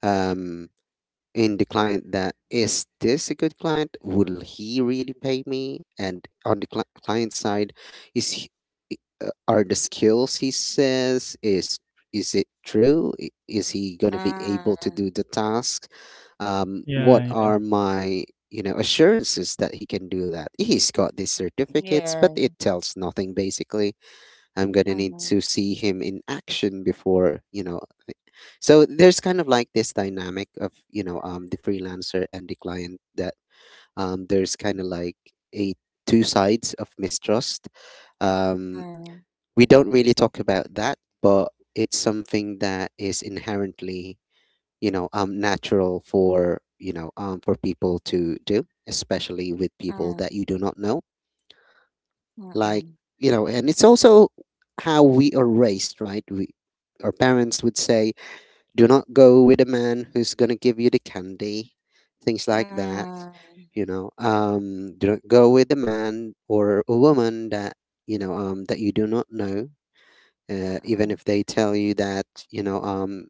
Speaker 3: um in the client, that is this a good client, will he really pay me? And on the client side, is he, i- are the skills he says is it true? Is he going to be able to
Speaker 2: Uh.
Speaker 3: do the task? What
Speaker 1: Yeah, yeah,
Speaker 3: are my assurances that he can do that? He's got these certificates but
Speaker 2: Yeah.
Speaker 3: it tells nothing basically. I'm gonna
Speaker 2: Uh
Speaker 3: need
Speaker 2: huh.
Speaker 3: to see him in action before you know. I- So there's kind of like this dynamic of the freelancer and the client, that there's kind of like a two sides of mistrust. Um,
Speaker 2: Uh.
Speaker 3: we don't really talk about that, but it's something that is inherently natural for for people to do, especially with people
Speaker 2: Uh.
Speaker 3: that you do not know.
Speaker 2: Uh uh.
Speaker 3: Like, you know, and it's also how we are raised, right? We, our parents would say, do not go with a man who's going to give you the candy, things like that,
Speaker 2: Uh.
Speaker 3: you know. Do not go with a man or a woman that that you do not know,
Speaker 2: Uh
Speaker 3: even
Speaker 2: uh.
Speaker 3: if they tell you that you know um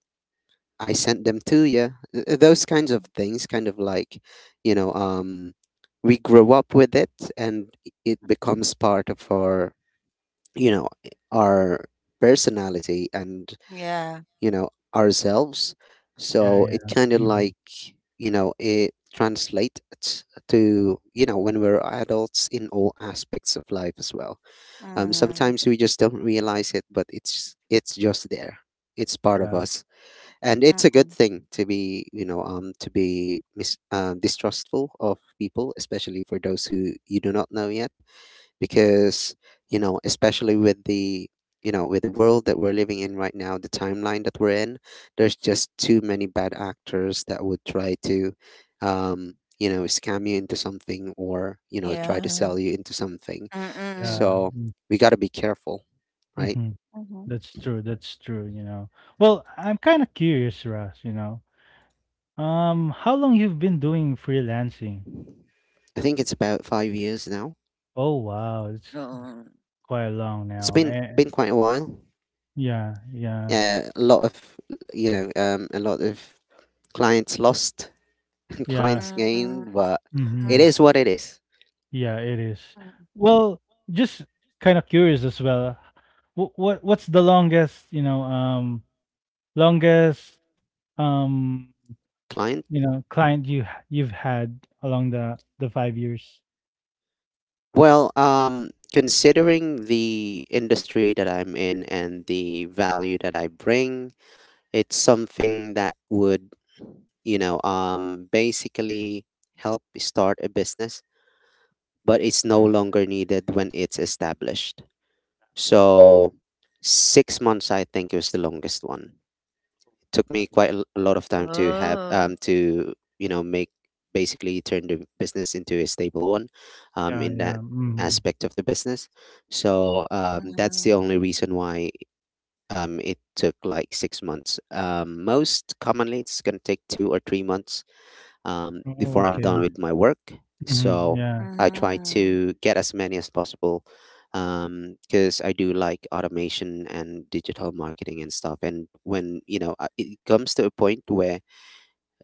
Speaker 3: I sent them to you. Those kinds of things kind of like, you know um we grow up with it, and it becomes part of our, you know, our personality and,
Speaker 2: Yeah.
Speaker 3: you know, ourselves. So
Speaker 1: yeah,
Speaker 3: it
Speaker 1: yeah,
Speaker 3: kind of
Speaker 1: mm-hmm.
Speaker 3: like, you know, it translates to, you know, when we're adults, in all aspects of life as well.
Speaker 2: Uh huh.
Speaker 3: Sometimes we just don't realize it, but it's just there, it's part of
Speaker 1: Yeah,
Speaker 3: us. And it's a
Speaker 2: Uh
Speaker 3: good
Speaker 2: uh.
Speaker 3: thing to be, to be distrustful of people, especially for those who you do not know yet, because you know, especially with the, you know, with the world that we're living in right now, the timeline that we're in, there's just too many bad actors that would try to you know, scam you into something, or you know, try to
Speaker 2: Yeah.
Speaker 3: sell you into something.
Speaker 2: Uh uh.
Speaker 1: yeah,
Speaker 3: So we got to be careful, right?
Speaker 1: mm-hmm.
Speaker 2: Mhm.
Speaker 1: That's true. That's true. You know. Well, I'm kind of curious, Russ. You know, how long you've been doing freelancing?
Speaker 3: I think it's about 5 years now.
Speaker 1: Oh wow, it's
Speaker 2: Mhm.
Speaker 1: quite long
Speaker 3: it's
Speaker 1: now.
Speaker 3: been
Speaker 1: And
Speaker 3: been quite a while.
Speaker 1: yeah, yeah,
Speaker 3: A lot of a lot of clients lost and
Speaker 1: yeah.
Speaker 2: Uh
Speaker 3: clients
Speaker 2: uh.
Speaker 3: gained, but
Speaker 2: Uh
Speaker 3: it
Speaker 2: uh.
Speaker 1: Mm-hmm.
Speaker 3: is what it is.
Speaker 1: Yeah, it is. Well, just kind of curious as well. What's the longest? You know, longest, um,
Speaker 3: Client.
Speaker 1: you know, client you you've had along the 5 years.
Speaker 3: Well, considering the industry that I'm in and the value that I bring, it's something that would, you know, basically help start a business, but it's no
Speaker 2: Uh.
Speaker 3: longer needed when it's established. So, 6 months, I think, is the longest one. Took me quite
Speaker 1: Right.
Speaker 3: a lot of time to have
Speaker 2: Oh.
Speaker 3: to, you know, make, basically turn the business into a stable one,
Speaker 1: Yeah,
Speaker 3: in that
Speaker 1: yeah. Mm-hmm.
Speaker 3: aspect of the business. So that's the
Speaker 2: Mhm.
Speaker 3: only reason why it took like 6 months. Um, most commonly it's going to take 2 or 3 months,
Speaker 1: Oh,
Speaker 3: before I'm done
Speaker 1: okay.
Speaker 3: with my work.
Speaker 1: Mhm,
Speaker 3: So
Speaker 1: yeah,
Speaker 3: I try
Speaker 2: Mhm.
Speaker 3: to get as many as possible because I do like automation and digital marketing and stuff. And when, you know, it comes to a point where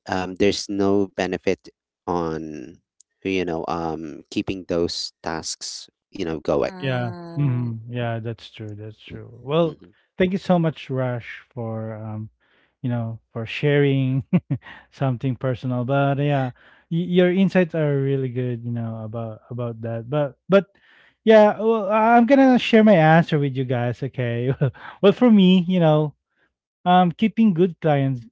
Speaker 3: there's no benefit on keeping those tasks, you know, going.
Speaker 1: yeah,
Speaker 2: Mm. Mm.
Speaker 1: mhm, yeah, that's true, that's true. Well,
Speaker 3: Mhm.
Speaker 1: thank you so much, Rush, for you know, for sharing something personal. But yeah, your insights are really good, you know, about that. But yeah, well, I'm gonna share my answer with you guys, okay? Well, for me, you know, keeping good clients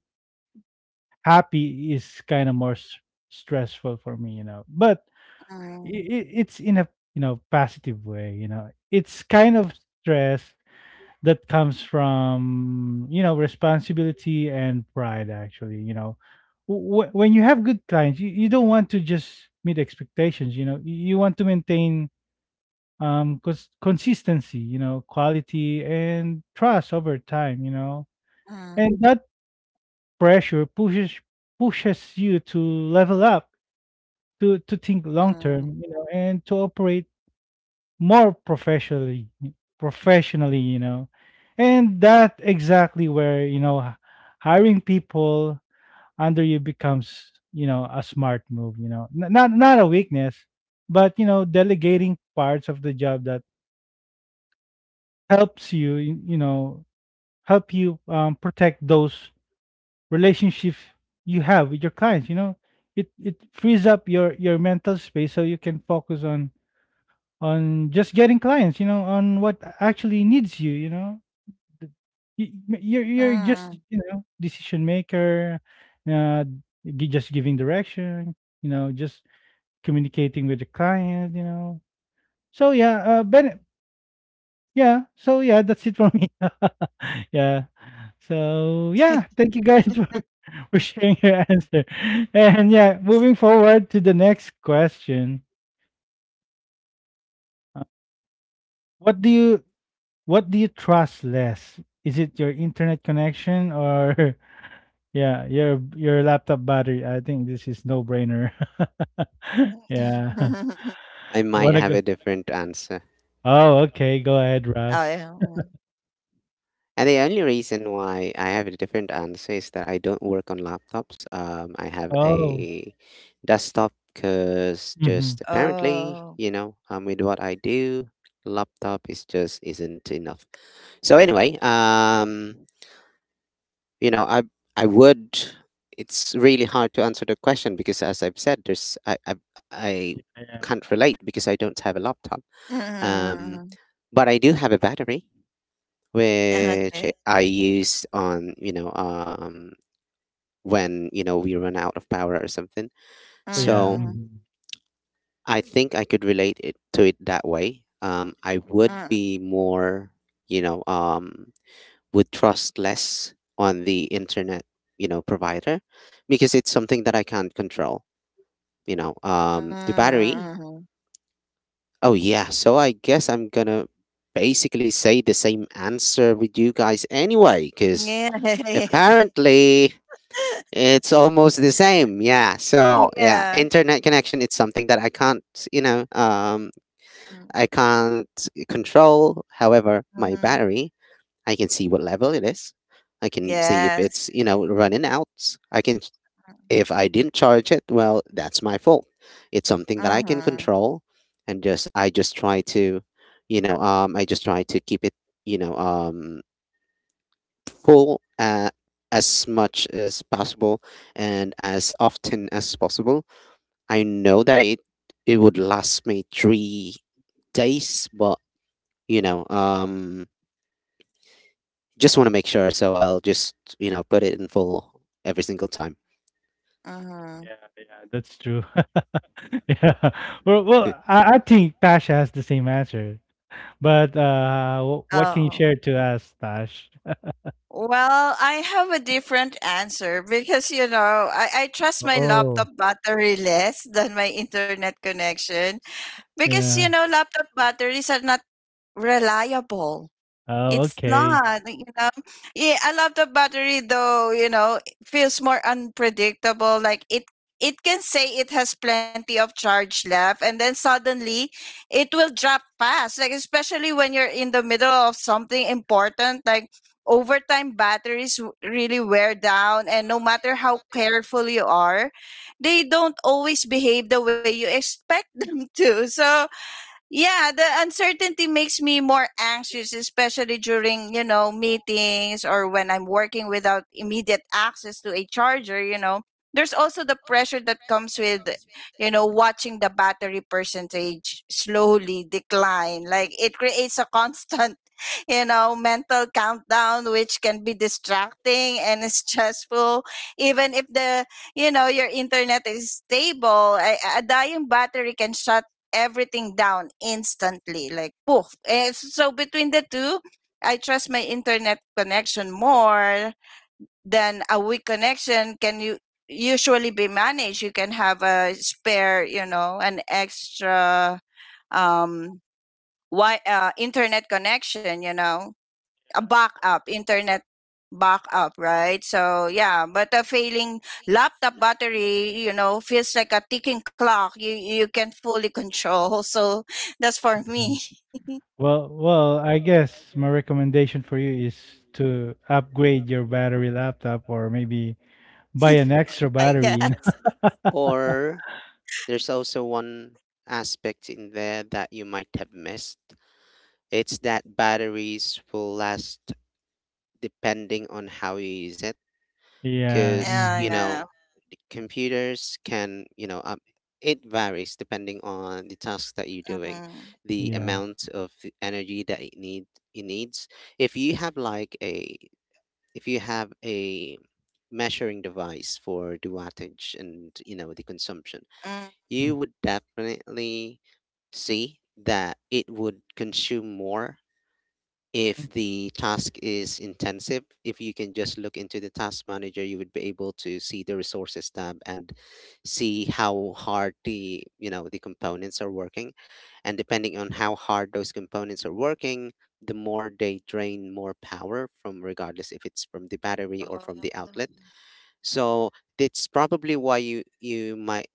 Speaker 1: happy is kind of more stressful for me, you know, but
Speaker 2: Mm.
Speaker 1: it, it's in a, you know, positive way, you know. It's kind of stress that comes from, you know, responsibility and pride, actually, you know. When you have good clients, you don't want to just meet expectations, you know, you want to maintain, consistency, you know, quality and trust over time, you know.
Speaker 2: Mm.
Speaker 1: And that pressure pushes, pushes you to level up, to think long term, you know, and to operate more professionally, professionally, you know. And that exactly where, you know, hiring people under you becomes, you know, a smart move, you know. Not a weakness, but, you know, delegating parts of the job that helps you, you know, help you, protect those relationships you have with your clients, you know. It frees up your mental space, so you can focus on just getting clients, you know, on what actually needs you, you know. The you, you're
Speaker 2: Mm.
Speaker 1: just, you know, decision maker, uh, gi just giving direction, you know, just communicating with the client, you know. So, yeah, Ben, yeah, so, yeah, that's it for me. Yeah. So, yeah, thank you, guys, for for sharing your answer. And, yeah, moving forward to the next question. Uh, what do you what do you trust less? Is it your internet connection or... yeah, your laptop battery. I think this is no-brainer. Yeah.
Speaker 3: I might
Speaker 1: Wanna
Speaker 3: have
Speaker 1: go...
Speaker 3: a different answer.
Speaker 1: Oh, okay, go ahead,
Speaker 2: Oh,
Speaker 1: Russ.
Speaker 2: yeah. Mm.
Speaker 3: And the only reason why I have a different answer is that I don't work on laptops. I have
Speaker 1: Oh,
Speaker 3: a desktop because
Speaker 1: mhm.
Speaker 3: just
Speaker 2: Oh.
Speaker 3: apparently, you know, with what I do, laptop is just isn't enough. So anyway, you know, I would. It's really hard to answer the question because, as I've said, there's I
Speaker 1: Yeah.
Speaker 3: can't relate because I don't have a laptop. Um,
Speaker 2: Mhm.
Speaker 3: but I do have a battery which
Speaker 2: Okay.
Speaker 3: I use on, you know, when, you know, we run out of power or something.
Speaker 1: Oh, yeah.
Speaker 3: So
Speaker 2: Mhm.
Speaker 1: Mhm.
Speaker 3: I think I could relate it to it that way. I would
Speaker 2: Mm.
Speaker 3: be more, you know, would trust less on the internet, you know, provider, because it's something that I can't control, you know.
Speaker 2: Mm.
Speaker 3: The battery,
Speaker 2: Mhm.
Speaker 3: oh yeah, so I guess I'm gonna basically say the same answer with you guys anyway, because
Speaker 2: Yeah.
Speaker 3: apparently it's almost the same. Yeah. So, yeah,
Speaker 2: Yeah.
Speaker 3: internet connection, it's something that I can't, you know,
Speaker 2: Mm.
Speaker 3: I can't control. However, my
Speaker 2: Mhm.
Speaker 3: battery, I can see what level it is. I can see if it's,
Speaker 2: Yes.
Speaker 3: you know, running out. I can
Speaker 2: Mm.
Speaker 3: If I didn't charge it, well, that's my fault. It's something that I can
Speaker 2: Mhm.
Speaker 3: control, and just I just try to, you know, I just try to keep it, you know, full, as much as possible and as often as possible. I know that it would last me 3 days, but you know, just want to make sure, so I'll just, you know, put it in full every single time.
Speaker 2: Mhm.
Speaker 1: Yeah, yeah. That's true. Yeah. Well, well, I think Tash has the same answer. But, w what can you
Speaker 2: Oh.
Speaker 1: share to us, Tash?
Speaker 2: Well, I have a different answer because you know I trust my
Speaker 1: Oh,
Speaker 2: laptop battery less than my internet connection because you
Speaker 1: yeah.
Speaker 2: know laptop batteries are not reliable.
Speaker 1: Oh,
Speaker 2: It's
Speaker 1: okay.
Speaker 2: not, you know. Yeah, I love the battery though, you know, it feels more unpredictable. Like it can say it has plenty of charge left and then suddenly it will drop fast. Like especially when you're in the middle of something important, like over time batteries really wear down and no matter how careful you are, they don't always behave the way you expect them to. So yeah, the uncertainty makes me more anxious, especially during you know meetings or when I'm working without immediate access to a charger, you know, there's also the pressure that comes with, you know, watching the battery percentage slowly decline, like it creates a constant you know mental countdown which can be distracting and stressful even if the, you know, your internet is stable, a dying battery can shut everything down instantly, like poof. And so between the two, I trust my internet connection more than a weak connection can you usually be managed. You can have a spare, you know, an extra um internet connection, you know, a backup, internet backup, right? So yeah, but a failing laptop battery, you know, feels like a ticking clock. You can fully control. So that's for
Speaker 1: Mm-hmm.
Speaker 2: me,
Speaker 1: Well, well, I guess my recommendation for you is to upgrade your battery laptop or maybe buy an
Speaker 2: I
Speaker 1: extra
Speaker 2: guess.
Speaker 1: battery, you know?
Speaker 3: Or there's also one aspect in there that you might have missed. It's that batteries will last depending on how you use it.
Speaker 1: Yeah,
Speaker 3: Because
Speaker 2: Yeah,
Speaker 3: you
Speaker 1: mhm.
Speaker 3: know
Speaker 2: yeah.
Speaker 3: the computers can, you know, it varies depending on the task that you're doing,
Speaker 2: Mm-hmm.
Speaker 3: the
Speaker 1: Yeah,
Speaker 3: amount of the energy that it need it needs. If you have like a, if you have a measuring device for the wattage and, you know, the consumption,
Speaker 2: Mm.
Speaker 1: mhm.
Speaker 3: you would definitely see that it would consume more if the task is intensive. If you can just look into the task manager, you would be able to see the resources tab and see how hard the, you know, the components are working. And depending on how hard those components are working, the more they drain more power from, regardless if it's from the battery or from the outlet. So that's probably why you, you might,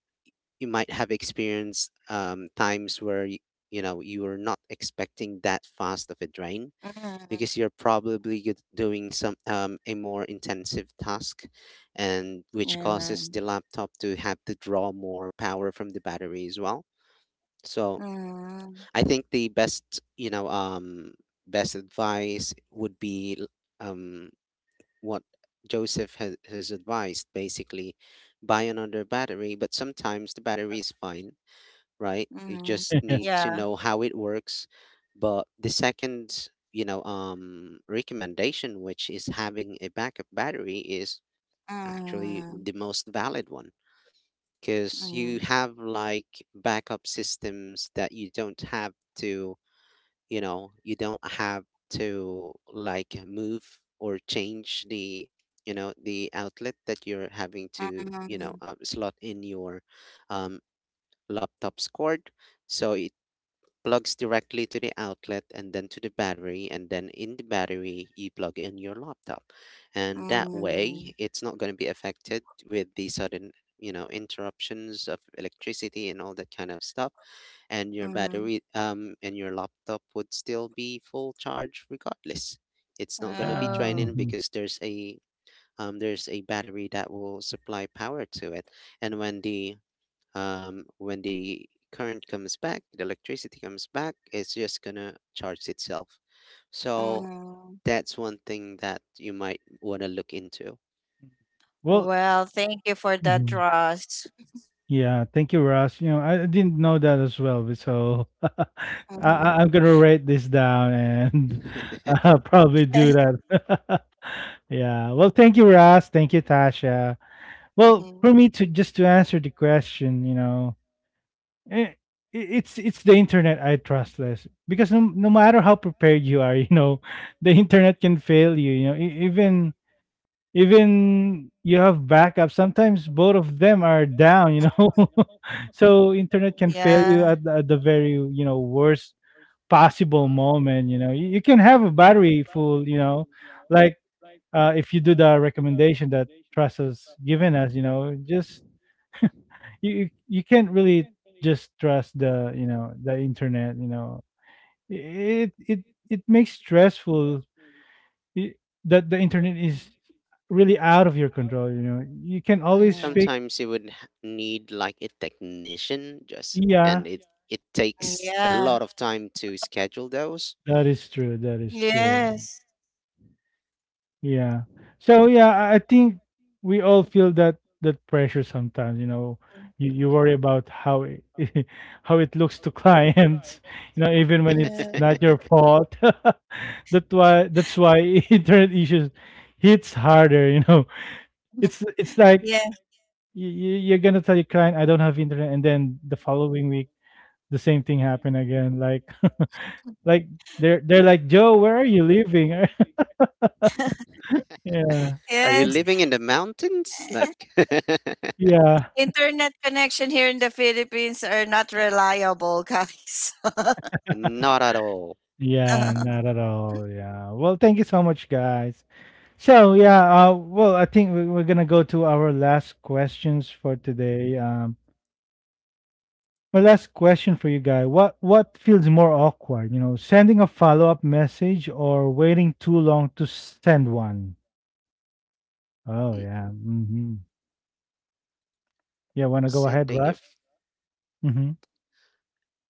Speaker 3: you might have experienced times where you know, you were not expecting that fast of a drain,
Speaker 2: Mm.
Speaker 3: because you're probably doing some a more intensive task, and which
Speaker 2: Yeah.
Speaker 3: causes the laptop to have to draw more power from the battery as well. So
Speaker 2: Mm.
Speaker 3: I think the best, you know, best advice would be um what Joseph has advised, basically buy another battery. But sometimes the battery is fine, right? You
Speaker 2: Mm.
Speaker 3: just
Speaker 1: Yeah,
Speaker 3: need to
Speaker 2: Yeah.
Speaker 3: know how it works. But the second, recommendation, which is having a backup battery, is actually
Speaker 2: Mm.
Speaker 3: the most valid one because you
Speaker 2: Mm.
Speaker 3: have like backup systems that you don't have to, you don't have to like move or change the the outlet that you're having to
Speaker 2: Mm.
Speaker 3: slot in your um, laptop's cord so it plugs directly to the outlet, and then to the battery, and then in the battery you plug in your laptop. And that
Speaker 2: Mm.
Speaker 3: way it's not going to be affected with the sudden interruptions of electricity and all that kind of stuff, and your
Speaker 2: Mm.
Speaker 3: battery and your laptop would still be full charge regardless. It's not going to be
Speaker 2: Oh.
Speaker 3: draining
Speaker 1: mhm.
Speaker 3: because there's a battery that will supply power to it. And when the current comes back, the electricity comes back, it's just gonna charge itself. So
Speaker 2: Mm.
Speaker 3: that's one thing that you might want to look into.
Speaker 1: Well,
Speaker 2: Well, thank you for that,
Speaker 1: mhm,
Speaker 2: Ross.
Speaker 1: yeah, thank you, Ross. You know, I didn't know that as well, but so I,
Speaker 2: Mm-hmm.
Speaker 1: I'm gonna write this down and
Speaker 3: And
Speaker 1: probably do that. Yeah. Well, thank you, Ross. Thank you, Tasha. Well,
Speaker 2: Mm-hmm.
Speaker 1: for me, to just to answer the question, you know, eh, it's the internet I trust less, because no, no matter how prepared you are, you know, the internet can fail you. You know, even even you have backup. Sometimes both of them are down. You know, so internet can
Speaker 2: Yeah.
Speaker 1: fail you at, at the very, you know, worst possible moment. You know, you can have a battery full. You know, like, if you do the recommendation that trust has given us, you know, just you, you you can't really just trust the, you know, the internet, you know. It it makes stressful, i- that the internet is really out of your control, you know. You can always
Speaker 2: Uh.
Speaker 1: fake...
Speaker 3: sometimes you would need like a technician just,
Speaker 1: yeah,
Speaker 3: and it takes
Speaker 2: Yeah.
Speaker 3: a lot of time to schedule those.
Speaker 1: that is true, that is true.
Speaker 2: Yes.
Speaker 1: Yeah. So yeah, I think we all feel that that pressure sometimes, you know. You worry about how it, how it looks to clients, you know, even when it's
Speaker 2: Yeah.
Speaker 1: not your fault. That's why internet issues hits harder, you know. It's like,
Speaker 2: Yeah.
Speaker 1: you, you're gonna tell your client I don't have internet, and then the following week the same thing happened again. Like, like, they're like, Joe, where are you living? Yeah,
Speaker 3: Are you
Speaker 2: Yes.
Speaker 3: living in the mountains? Like,
Speaker 1: yeah.
Speaker 2: Internet connection here in the Philippines are not reliable, guys.
Speaker 3: not at all.
Speaker 1: Yeah, not at all. Yeah. Well, thank you so much, guys. So, yeah, well, I think we're gonna go to our last questions for today. My last question for you guys: What feels more awkward, you know, sending a follow up message or waiting too long to send one? Oh,
Speaker 3: Mm.
Speaker 1: yeah. Mm-hmm. Yeah. Wanna go ahead,
Speaker 3: Sending a
Speaker 1: Russ? Mm-hmm.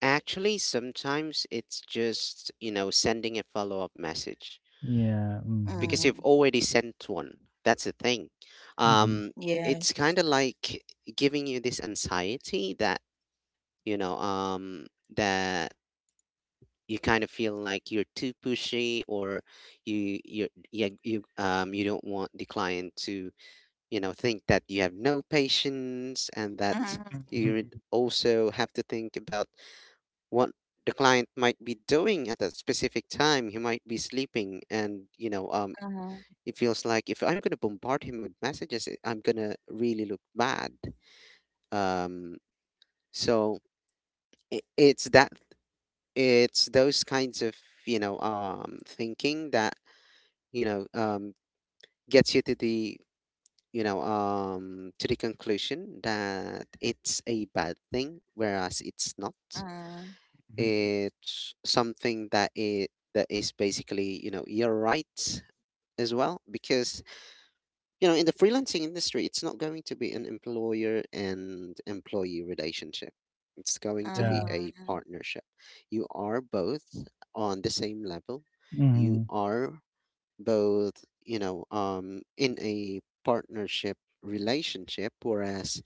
Speaker 3: Actually, sometimes it's just, you know, sending a follow-up message
Speaker 1: Yeah.
Speaker 3: because
Speaker 2: Mm,
Speaker 1: Mm-hmm.
Speaker 3: you've already sent one. That's the thing.
Speaker 1: Mm-hmm.
Speaker 3: Um, it's
Speaker 2: yes.
Speaker 3: kind of like giving you this anxiety that, you know, um, that you kind of feel like you're too pushy, or you yeah, you don't want the client to, you know, think that you have no patience. And that
Speaker 2: Mm.
Speaker 3: you would
Speaker 1: Mm-hmm.
Speaker 3: also have to think about what the client might be doing at that specific time. He might be sleeping, and
Speaker 2: Mm.
Speaker 3: it feels like if I'm gonna bombard him with messages, I'm gonna really look bad. Um, so I it's that, it's those kinds of thinking that you know um gets you to the to the conclusion that it's a bad thing, whereas it's not.
Speaker 2: Mm.
Speaker 3: It's something that it that is basically, you know, your right as well, because you know in the freelancing industry it's not going to be an employer and employee relationship, it's going to
Speaker 2: Mm.
Speaker 3: be
Speaker 1: Yeah.
Speaker 3: a
Speaker 2: Mm.
Speaker 3: partnership. You are both on the same level. You
Speaker 1: Mm-hmm.
Speaker 3: are both, in a partnership relationship, whereas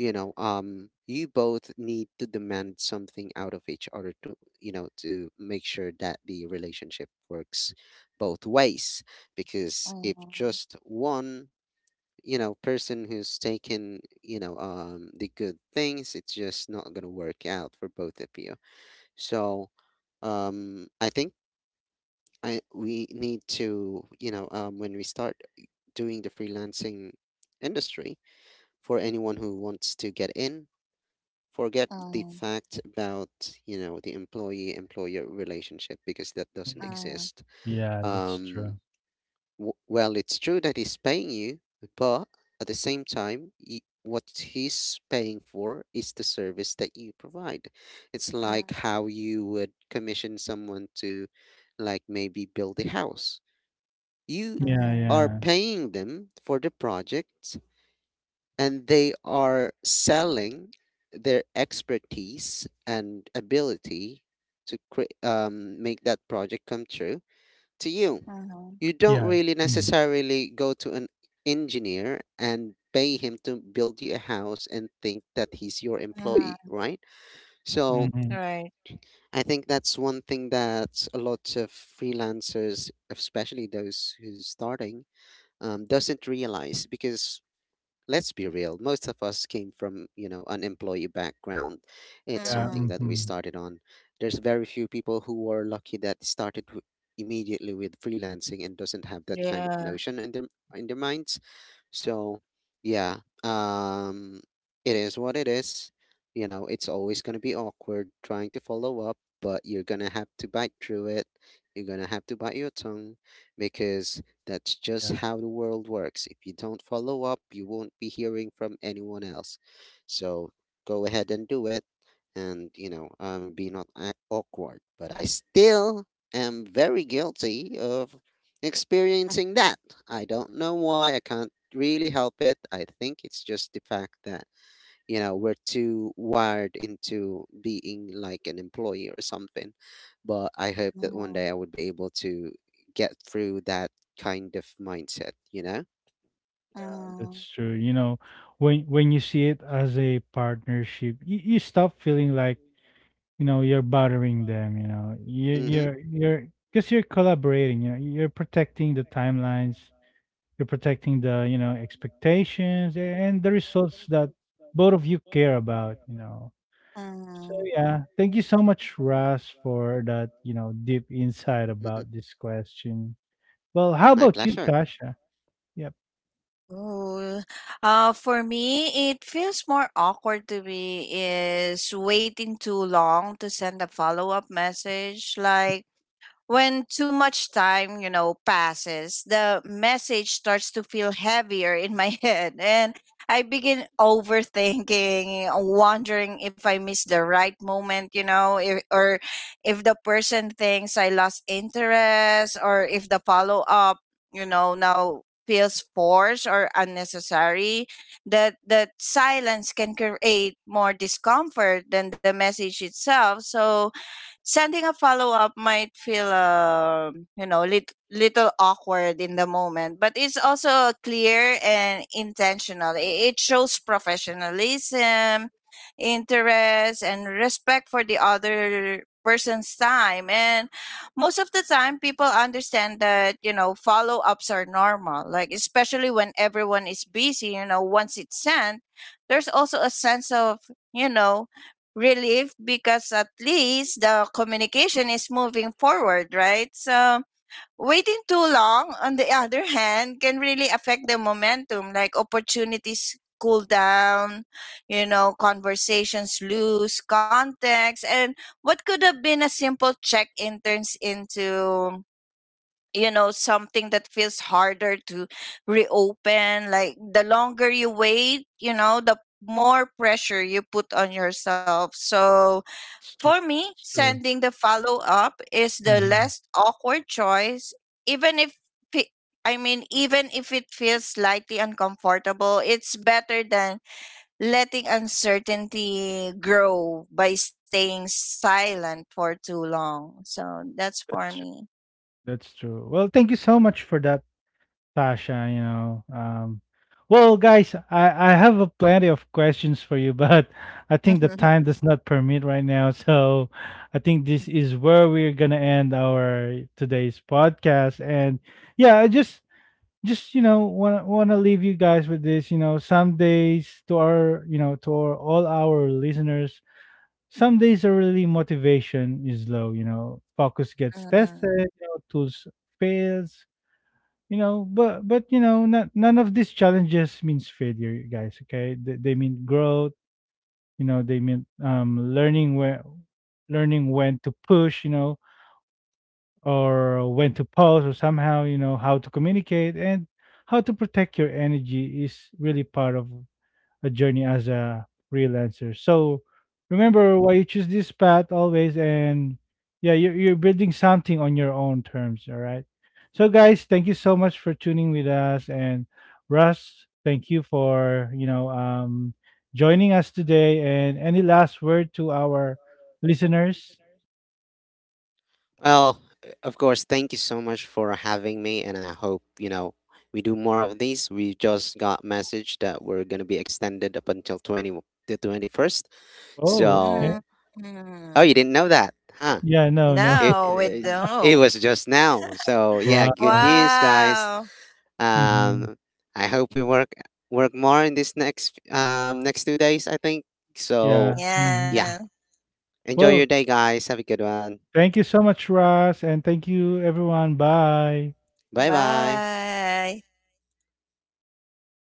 Speaker 3: you both need to demand something out of each other to, you know, to make sure that the relationship works both ways. Because if
Speaker 2: Mm.
Speaker 3: just one, you know, person who's taking, the good things, it's just not going to work out for both of you. So I think I we need to, when we start doing the freelancing industry, for anyone who wants to get in, forget the
Speaker 2: Mm.
Speaker 3: fact about, you know, the employee-employer relationship, because that doesn't
Speaker 1: Mm-hmm.
Speaker 2: Mm.
Speaker 3: exist.
Speaker 1: Yeah, that's true.
Speaker 3: Um, w well, it's true that he's paying you, but at the same time, y what he's paying for is the service that you provide. It's like how you would commission someone to, like, maybe build a house. You
Speaker 2: Mm.
Speaker 1: Yeah.
Speaker 2: Mm.
Speaker 3: are
Speaker 1: Yeah.
Speaker 3: paying them for the project, and they are selling their expertise and ability to make that project come true to you.
Speaker 2: Mm.
Speaker 3: You don't
Speaker 1: Yeah,
Speaker 3: really
Speaker 1: mm-hmm.
Speaker 3: necessarily go to an engineer and pay him to build you a house and think that he's your
Speaker 2: Mm.
Speaker 3: employee, right? So
Speaker 1: Mhm.
Speaker 2: Right.
Speaker 3: I think that's one thing that a lot of freelancers, especially those who's starting, doesn't realize. Because let's be real, most of us came from, you know, an employee background. It's
Speaker 1: Yeah,
Speaker 2: Mm,
Speaker 3: something that we
Speaker 1: mhm.
Speaker 3: started on. There's very few people who were lucky that started immediately with freelancing and doesn't have that kind of
Speaker 2: yeah.
Speaker 3: notion in their minds. So yeah, um it is what it is. You know, it's always going to be awkward trying to follow up, but you're going to have to bite through it. You're going to have to bite your tongue, because that's just
Speaker 1: Yeah,
Speaker 3: how the world works. If you don't follow up, you won't be hearing from anyone else. So go ahead and do it and, be not a- awkward. But I still am very guilty of experiencing that. I don't know why. I can't really help it. I think it's just the fact that you know we're too wired into being like an employee or something, but I hope that one day
Speaker 2: Mm.
Speaker 3: I would be able to get through that kind of mindset, you know.
Speaker 1: yeah,
Speaker 2: Mm.
Speaker 1: that's true. You know, when you see it as a partnership, you stop feeling like, you know, you're bothering them, you know. You
Speaker 3: Mm-hmm,
Speaker 1: you're, because you're collaborating, you know, you're protecting the timelines, you're protecting the, you know, expectations and the results that both of you care about, you know. So
Speaker 2: Mm.
Speaker 1: yeah, thank you so much, Russ, for that, you know, deep insight
Speaker 3: mm-hmm.
Speaker 1: about this question. Well, how
Speaker 3: My
Speaker 1: about you,
Speaker 3: pleasure.
Speaker 1: Tasha? Yep.
Speaker 2: Ooh. For me, it feels more awkward to me is waiting too long to send a follow-up message. Like, when too much time, you know, passes, the message starts to feel heavier in my head and I begin overthinking, wondering if I missed the right moment, you know, if, or if the person thinks I lost interest or if the follow up, you know, now feels forced or unnecessary. That silence can create more discomfort than the message itself. So sending a follow up might feel, you know, little awkward in the moment, but it's also clear and intentional. It shows professionalism, interest, and respect for the other person's time. And most of the time, people understand that, you know, follow ups are normal, like, especially when everyone is busy. You know, once it's sent, there's also a sense of, you know, relief because at least the communication is moving forward, right? So waiting too long, on the other hand, can really affect the momentum. Like opportunities cool down, you know, conversations lose context, and what could have been a simple check in turns into, you know, something that feels harder to reopen. Like the longer you wait, you know, the more pressure you put on yourself. So
Speaker 1: It's
Speaker 2: for
Speaker 1: true.
Speaker 2: me,
Speaker 1: It's true.
Speaker 2: sending the follow up is the
Speaker 1: Hmm.
Speaker 2: less awkward choice, even if fe- even if it feels slightly uncomfortable, it's better than letting uncertainty grow by staying silent for too long. So that's for
Speaker 1: That's true.
Speaker 2: me.
Speaker 1: That's true. Well, thank you so much for that, Tasha. You know, well, guys, I have a plenty of questions for you, but I think the time does not permit right now. So, I think this is where we're gonna end our today's podcast. And yeah, I just, you know, want to leave you guys with this. You know, some days, to our, you know, to our, all our listeners, some days early motivation is low, you know, focus gets tested,
Speaker 2: Mm,
Speaker 1: you know, tools fails, you know, but you know, not, none of these challenges means failure, you guys, okay? They mean growth, you know, they mean, learning when to push, you know, or when to pause, or somehow, you know, how to communicate and how to protect your energy is really part of a journey as a freelancer. So remember why you choose this path always, and yeah, you're building something on your own terms. All right. So guys, thank you so much for tuning with us, and Russ, thank you for, you know, joining us today. And any last word to our listeners?
Speaker 3: Well, of course, thank you so much for having me, and I hope, you know, we do more of these. We just got message that we're going to be extended up until 20, the 21st.
Speaker 1: Oh, okay.
Speaker 3: So oh,
Speaker 2: mm.
Speaker 3: you didn't know that, huh?
Speaker 1: Yeah. No. No.
Speaker 2: No, we
Speaker 3: It
Speaker 2: don't.
Speaker 3: was just now. So yeah, good
Speaker 1: Wow.
Speaker 3: news, guys.
Speaker 2: Wow.
Speaker 1: Hmm.
Speaker 3: Um, I hope we work more in this next next 2 days. I think so.
Speaker 1: Yeah. Hmm.
Speaker 2: Yeah.
Speaker 3: Yeah, enjoy your
Speaker 1: Well,
Speaker 3: day, guys. Have a good one.
Speaker 1: thank you so much, Russ, and thank you, everyone. Bye.
Speaker 3: Bye bye.
Speaker 2: Bye.